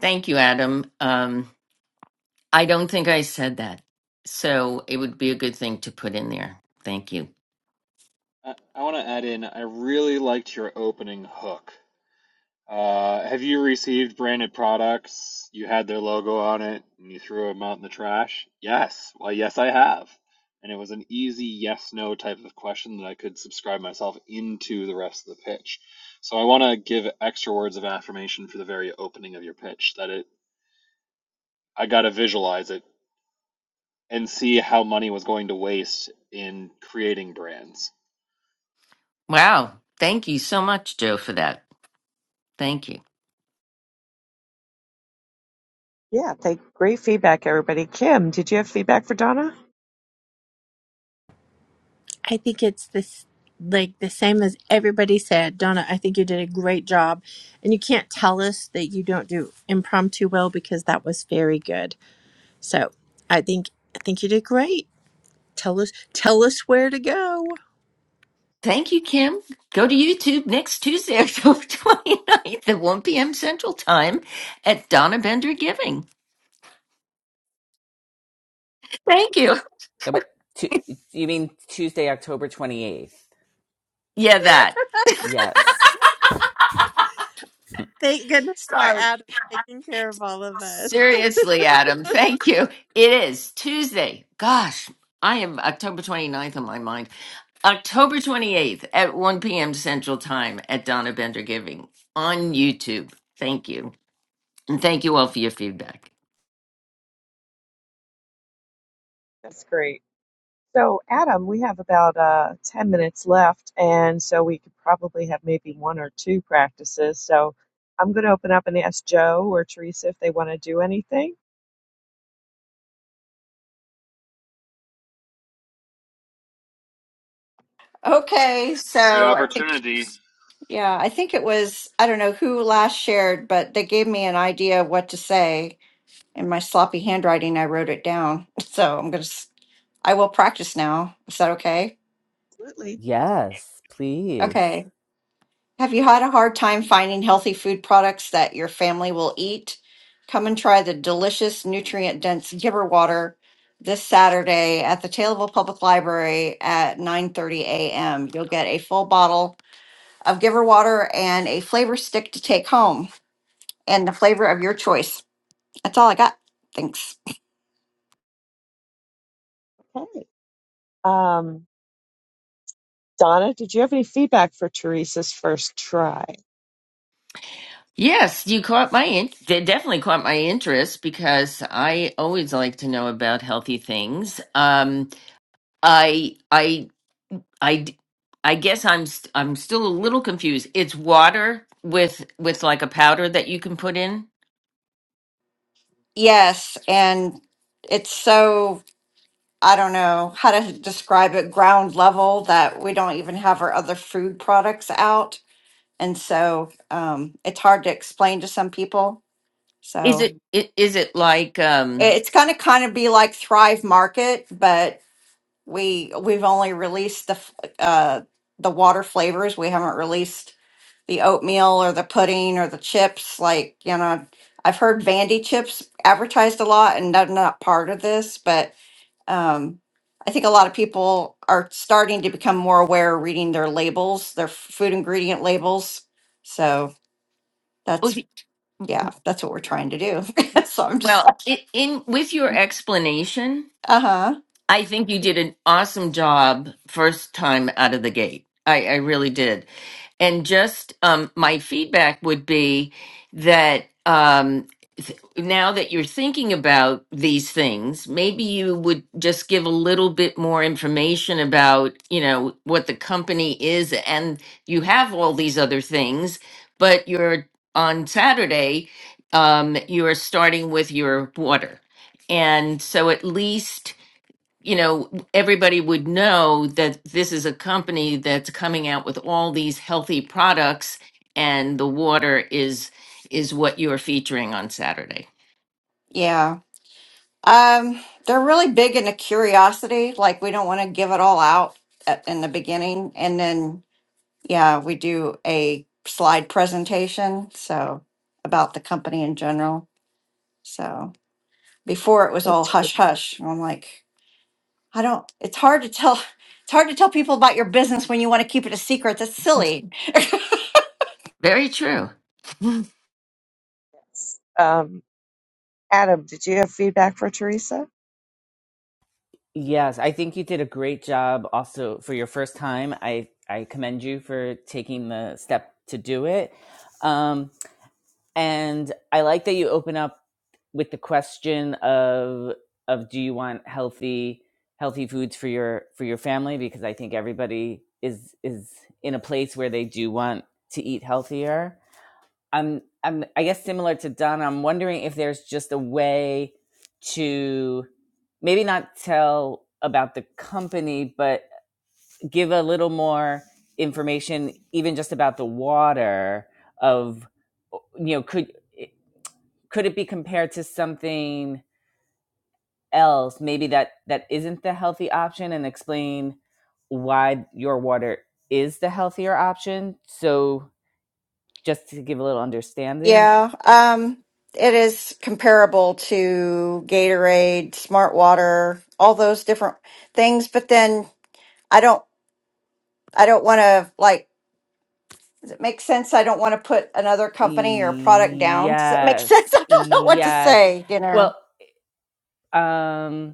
Thank you, Adam. Um, I don't think I said that. So it would be a good thing to put in there. Thank you. I, I want to add in, I really liked your opening hook Uh, have you received branded products? You had their logo on it and you threw them out in the trash? Yes. Well, yes, I have. And it was an easy yes no type of question that I could subscribe myself into the rest of the pitch. So I want to give extra words of affirmation for the very opening of your pitch that it I got to visualize it and see how money was going to waste in creating brands. Wow. Thank you so much, Joe, for that. Thank you. Yeah, thank, great feedback, everybody. Kim, did you have feedback for Donna? i think it's this like the same as everybody said donna i think you did a great job and you can't tell us that you don't do impromptu well because that was very good So I think I think you did great. Tell us tell us where to go. Thank you, Kim. Go to YouTube next Tuesday, October 29th at 1 p.m. Central Time at Donna Bender Giving. Thank you. no, but tu- you mean tuesday october 28th Yeah, that. yes Thank goodness for Sorry. Adam taking care of all of us. Seriously, Adam, thank you. It is Tuesday. Gosh, I am October 29th on my mind. October 28th at 1 p.m. Central Time at Donna Bender Giving on YouTube. Thank you. And thank you all for your feedback. That's great. So, Adam, we have about uh, 10 minutes left, and so we could probably have maybe one or two practices. So, I'm going to open up and ask Joe or Teresa if they want to do anything. Okay, This is so a great I opportunity Yeah, I think it was, I don't know who last shared, but they gave me an idea of what to say. In my sloppy handwriting, I wrote it down. So I'm going to, I will practice now. Is that okay? Absolutely. yes please Okay. Have you had a hard time finding healthy food products that your family will eat? Come and try the delicious, nutrient dense giver water this Saturday at the Taylorville Public Library at 9:30 a.m. You'll get a full bottle of giver water and a flavor stick to take home. and the flavor of your choice. That's all I got. Thanks. Okay. Um, Donna, did you have any feedback for Teresa's first try? Yes, you caught my in- they definitely caught my interest because I always like to know about healthy things. Um, I I I d- I guess I'm st- I'm still a little confused. It's water with with like a powder that you can put in. Yes, and it's so I don't know how to describe it ground level that we don't even have our other food products out. And so um, it's hard to explain to some people. Is So it i- is it like i- um it's going to kind of be like Thrive Market, but we we've only released the f- uh, the water flavors. We haven't released the oatmeal or the pudding or the chips. Like, you know, I've heard Vandy chips advertised a lot, and I'm not part of this, but um, I think a lot of people are starting to become more aware reading their labels, their food ingredient labels. So that's, Okay. yeah, that's what we're trying to do. so I'm just well like, i in with your explanation, uh huh. I think you did an awesome job first time out of the gate. I I really did. And just um, my feedback would be that um, th- now that you're thinking about these things, maybe you would just give a little bit more information about, you know, what the company is, and you have all these other things, but you're on Saturday, um, you are starting with your water. And so at least you know, everybody would know that this is a company that's coming out with all these healthy products, and the water is is what you are featuring on Saturday. Yeah. Um, they're really big into curiosity. Like, we don't want to give it all out at, in the beginning. And then yeah, we do a slide presentation, so about the company in general. So before it was all That's good. hush hush. and I'm like, I don't it's hard to tell it's hard to tell people about your business when you want to keep it a secret. That's silly. Very true. Yes. Um, Adam, did you have feedback for Teresa? yes i think you did a great job also for your first time i i commend you for taking the step to do it um and i like that you open up with the question of of do you want healthy healthy foods for your for your family because I think everybody is is in a place where they do want to eat healthier. I'm I'm I guess similar to Donna, I'm wondering if there's just a way to maybe not tell about the company, but give a little more information even just about the water of you know could could it be compared to something else maybe that that isn't the healthy option and explain why your water is the healthier option so just to give a little understanding Yeah, um it is comparable to Gatorade, Smart Water, all those different things, but then I don't I don't want to like Does it make sense? I don't want to put another company or product down. Does that make sense? yes I don't know what to yes say, you know. well um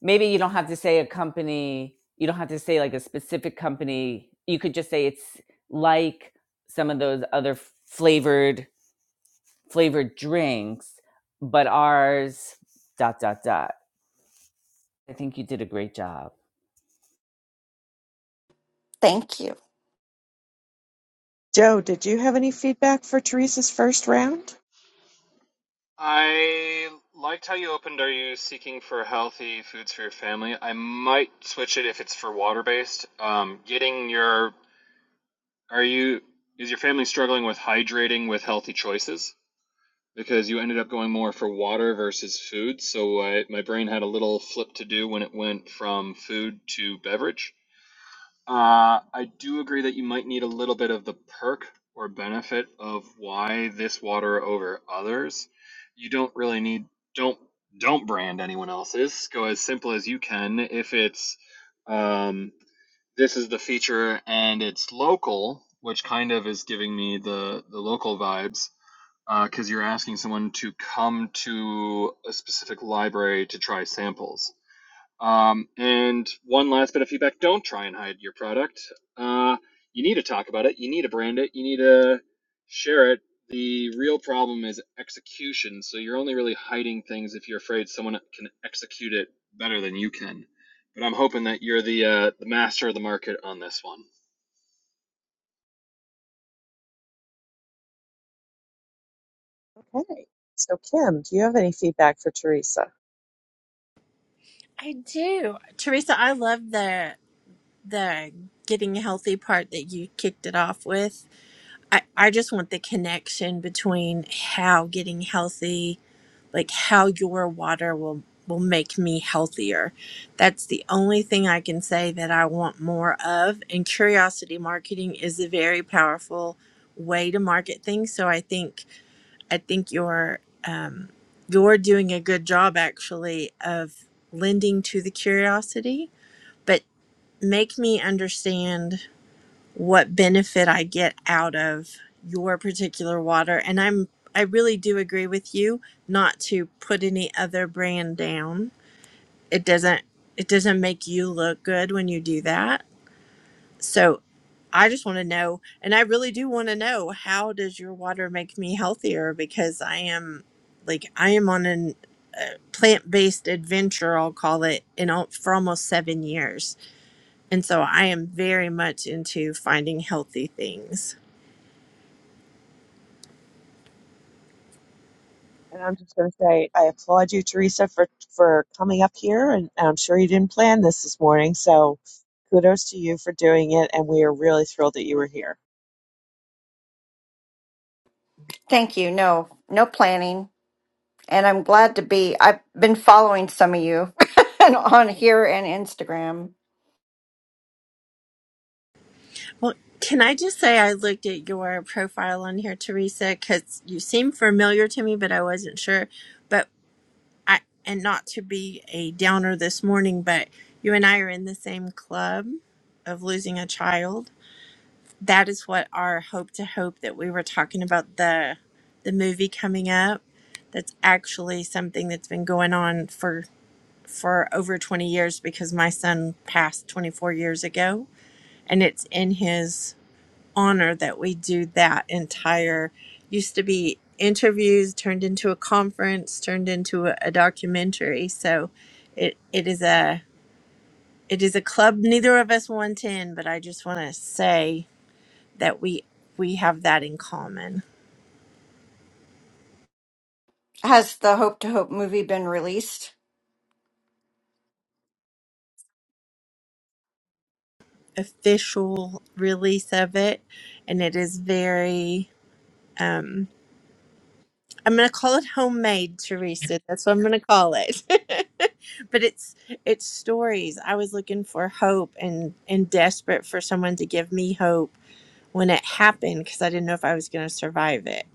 maybe you don't have to say a company you don't have to say like a specific company you could just say it's like some of those other flavored flavored drinks but ours dot dot dot i think you did a great job Thank you. Joe, did you have any feedback for Teresa's first round? I liked how you opened. Are you seeking for healthy foods for your family? I might switch it if it's for water based. Um, getting your are you is your family struggling with hydrating with healthy choices? Because you ended up going more for water versus food, so I, my brain had a little flip to do when it went from food to beverage. Uh, I do agree that you might need a little bit of the perk or benefit of why this water over others. You don't really need don't don't brand anyone else's. Go as simple as you can. If it's um, this is the feature and it's local, which kind of is giving me the the local vibes, because you're asking someone to come to a specific library to try samples um, and one last bit of feedback: don't try and hide your product. Uh, you need to talk about it. You need to brand it. You need to share it. The real problem is execution. So you're only really hiding things if you're afraid someone can execute it better than you can. But I'm hoping that you're the uh, the master of the market on this one. Okay. So, Kim, do you have any feedback for Teresa? I do. Teresa, I love the the getting healthy part that you kicked it off with. I, I just want the connection between how getting healthy, like how your water will will make me healthier. That's the only thing I can say that I want more of. And curiosity marketing is a very powerful way to market things. So I think I think you're um, you're doing a good job actually of lending to the curiosity, but make me understand what benefit I get out of your particular water. And I'm I really do agree with you not to put any other brand down. It doesn't it doesn't make you look good when you do that. So I just want to know and I really do want to know how does your water make me healthier because I am like I am on an a plant-based adventure I'll call it in al- for almost 7 years. And so I am very much into finding healthy things. And I'm just going to say, I applaud you, Teresa, for for coming up here. And I'm sure you didn't plan this this morning, so kudos to you for doing it. And we are really thrilled that you were here. Thank you. No, no planning. And I'm glad to be. I've been following some of you and on here and Instagram. Well, can I just say I looked at your profile on here, Teresa, because you seem familiar to me, but I wasn't sure. But I, and not to be a downer this morning, but you and I are in the same club of losing a child. That is what our hope to hope that we were talking about the the movie coming up. That's actually something that's been going on for for over 20 years because my son passed 24 years ago and it's in his honor that we do that entire used to be interviews turned into a conference turned into a, a documentary so it it is a it is a club neither of us want in but i just want to say that we we have that in common Has the Hope to Hope movie been released? official release of it and it is very um i'm going to call it homemade teresa that's what i'm going to call it but it's it's stories i was looking for hope and and desperate for someone to give me hope when it happened because i didn't know if i was going to survive it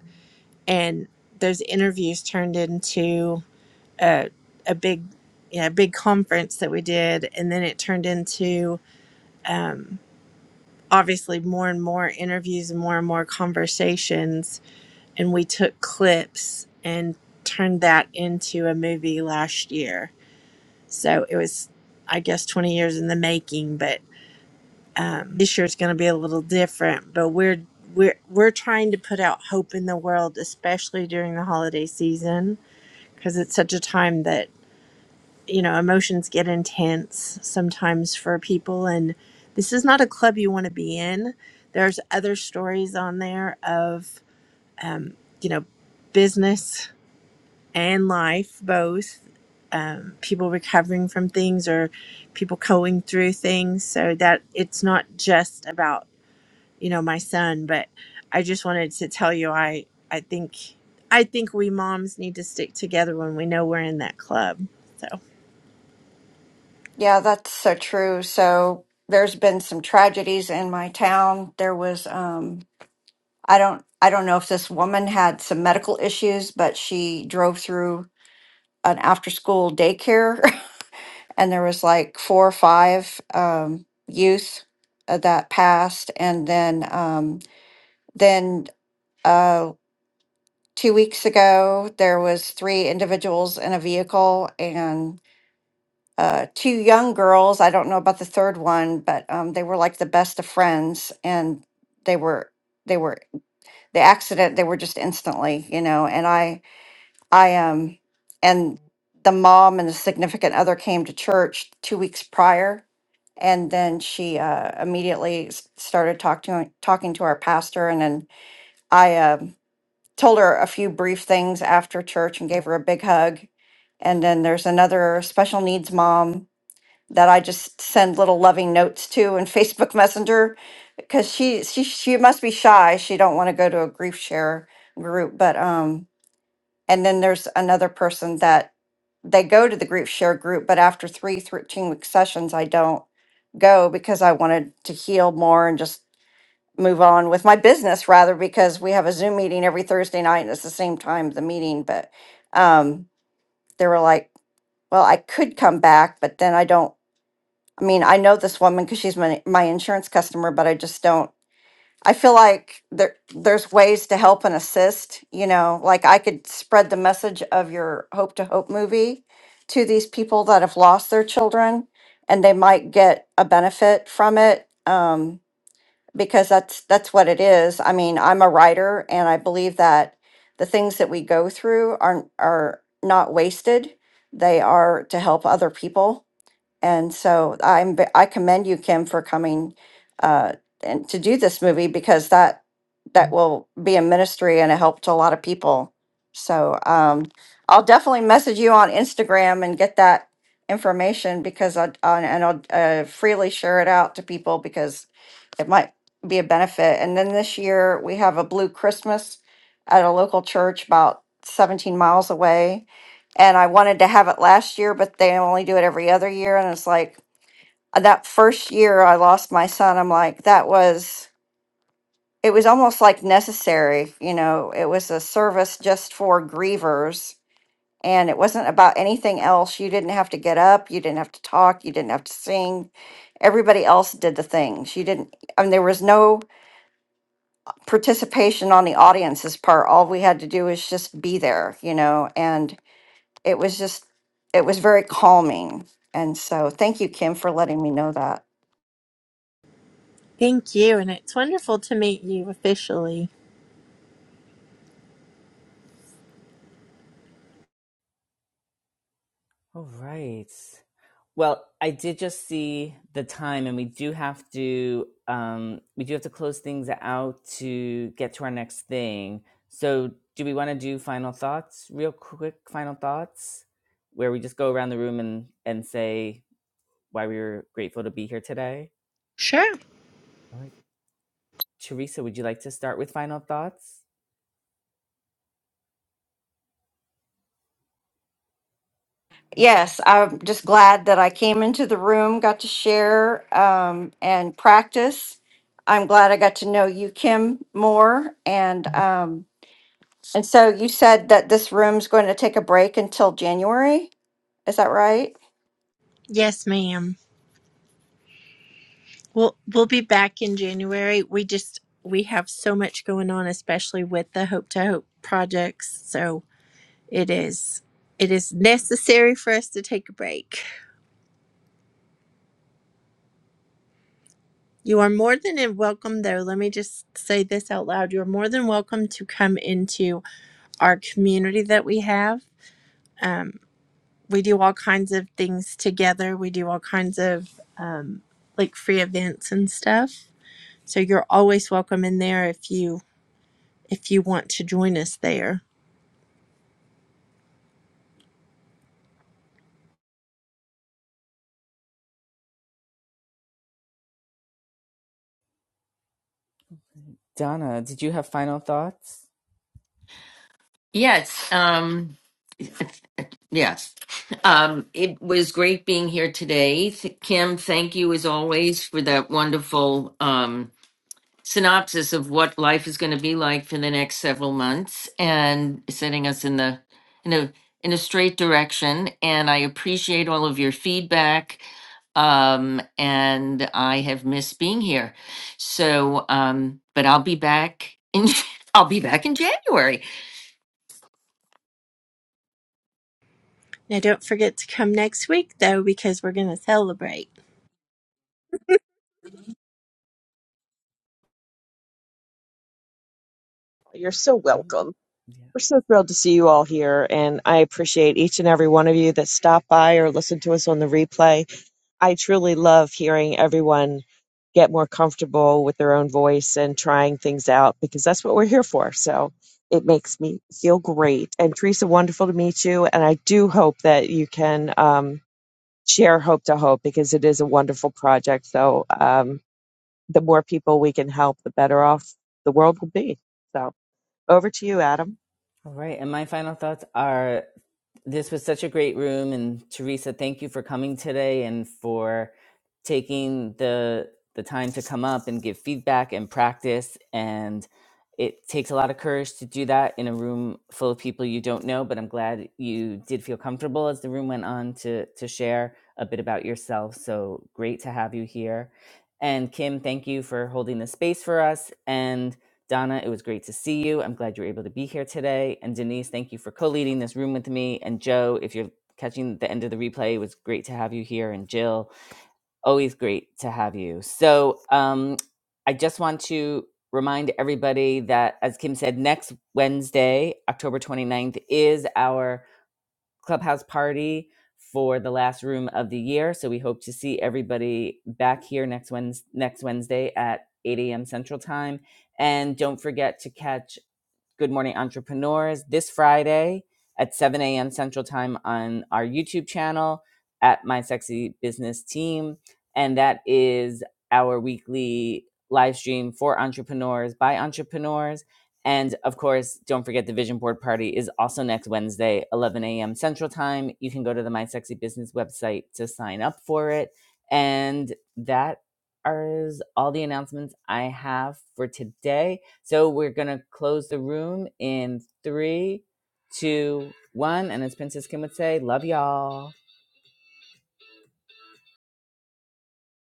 and those interviews turned into a, a big you know, big conference that we did and then it turned into um, obviously more and more interviews and more and more conversations and we took clips and turned that into a movie last year So it was, I guess, 20 years in the making. But um, this year is going to be a little different. But we're we're we're trying to put out hope in the world, especially during the holiday season, because it's such a time that you know emotions get intense sometimes for people. And this is not a club you want to be in. There's other stories on there of you know business and life both um, people recovering from things or people going through things so that it's not just about you know my son but i just wanted to tell you i i think i think we moms need to stick together when we know we're in that club so Yeah, that's so true. So there's been some tragedies in my town. There was um I don't I don't know if this woman had some medical issues, but she drove through an after school daycare and there was like four or five um, youth uh, that passed and then um, then uh, two weeks ago there was three individuals in a vehicle and uh, two young girls i don't know about the third one but um, they were like the best of friends and they were they were the accident they were just instantly you know and i I um and the mom and the significant other came to church two weeks prior, and then she uh, immediately s- started talking to, talking to our pastor, and then I um told her a few brief things after church and gave her a big hug, and then there's another special needs mom that I just send little loving notes to in Facebook Messenger because she she she must be shy. She don't want to go to a grief share group, but um and then there's another person that they go to the group share group, but after three thirteen 13 week sessions, I don't go because I wanted to heal more and just move on with my business rather because we have a Zoom meeting every Thursday night and it's the same time as the meeting. But um, they were like, well, I could come back, but then I don't. I mean, I know this woman because she's my, my insurance customer, but I just don't. I feel like there there's ways to help and assist, you know, like I could spread the message of your Hope to Hope movie to these people that have lost their children and they might get a benefit from it um because that's that's what it is. I mean, I'm a writer and I believe that the things that we go through are are not wasted. They are to help other people and so I'm ve- I commend you, Kim, for coming uh, and to do this movie because that that will be a ministry and a help to a lot of people. So um, I'll definitely message you on Instagram and get that information because I on, and I'll uh, freely share it out to people because it might be a benefit. And then this year we have a Blue Christmas at a local church about 17 miles away and I wanted to have it last year, but they only do it every other year. And it's like uh, that first year I lost my son, I'm like, that was, it was almost like necessary. You know, it was a service just for grievers. And it wasn't about anything else. You didn't have to get up. You didn't have to talk. You didn't have to sing. Everybody else did the things. You didn't, I mean, there was no participation on the audience's part. All we had to do was just be there, you know, and it was just it was very calming and so thank you kim for letting me know that thank you and it's wonderful to meet you officially all right Well, I did just see the time, and we do have to um, we do have to close things out to get to our next thing. So, do we want to do final thoughts, real quick? Final thoughts, where we just go around the room and and say why we were grateful to be here today. sure All right, Teresa, would you like to start with final thoughts? yes i'm just glad that i came into the room got to share um, and practice i'm glad i got to know you kim more and um, and so you said that this room's going to take a break until january is that right yes ma'am we'll we'll be back in january we just we have so much going on especially with the hope to hope projects so It is. It is necessary for us to take a break. You are more than welcome, though. Let me just say this out loud. You are more than welcome to come into our community that we have. Um, we do all kinds of things together, we do all kinds of um, like free events and stuff. So you're always welcome in there if you if you want to join us there. Donna, did you have final thoughts? Yes. Um, yes. Um, it was great being here today. Th- Kim, thank you as always for that wonderful um, synopsis of what life is going to be like for the next several months and setting us in the in a in a straight direction and i appreciate all of your feedback um and i have missed being here so um but i'll be back in i'll be back in january Now don't forget to come next week though because we're going to celebrate. You're so Um, welcome. yeah. We're so thrilled to see you all here, and I appreciate each and every one of you that stopped by or listened to us on the replay. I truly love hearing everyone get more comfortable with their own voice and trying things out because that's what we're here for. So it makes me feel great. And Teresa, wonderful to meet you. And I do hope that you can um, share Hope to Hope because it is a wonderful project. So um, the more people we can help, the better off the world will be. So. Over to you, Adam. All right. And my final thoughts are this was such a great room. And Teresa, thank you for coming today and for taking the the time to come up and give feedback and practice. And it takes a lot of courage to do that in a room full of people you don't know, but I'm glad you did feel comfortable as the room went on to to share a bit about yourself. So great to have you here. And Kim, thank you for holding the space for us. And Donna, it was great to see you. I'm glad you were able to be here today. And Denise, thank you for co leading this room with me. And Joe, if you're catching the end of the replay, it was great to have you here. And Jill, always great to have you. So um, I just want to remind everybody that, as Kim said, next Wednesday, October 29th, is our clubhouse party for the last room of the year. So we hope to see everybody back here next Wednesday, next Wednesday at 8 a.m. Central Time. And don't forget to catch Good Morning Entrepreneurs this Friday at 7 a.m. Central Time on our YouTube channel at My Sexy Business Team. And that is our weekly live stream for entrepreneurs by entrepreneurs. And of course, don't forget the vision board party is also next Wednesday, 11 a.m. Central Time. You can go to the My Sexy Business website to sign up for it. And that is all the announcements I have for today. So we're gonna close the room in three, two, one, and as Princess Kim would say, love y'all.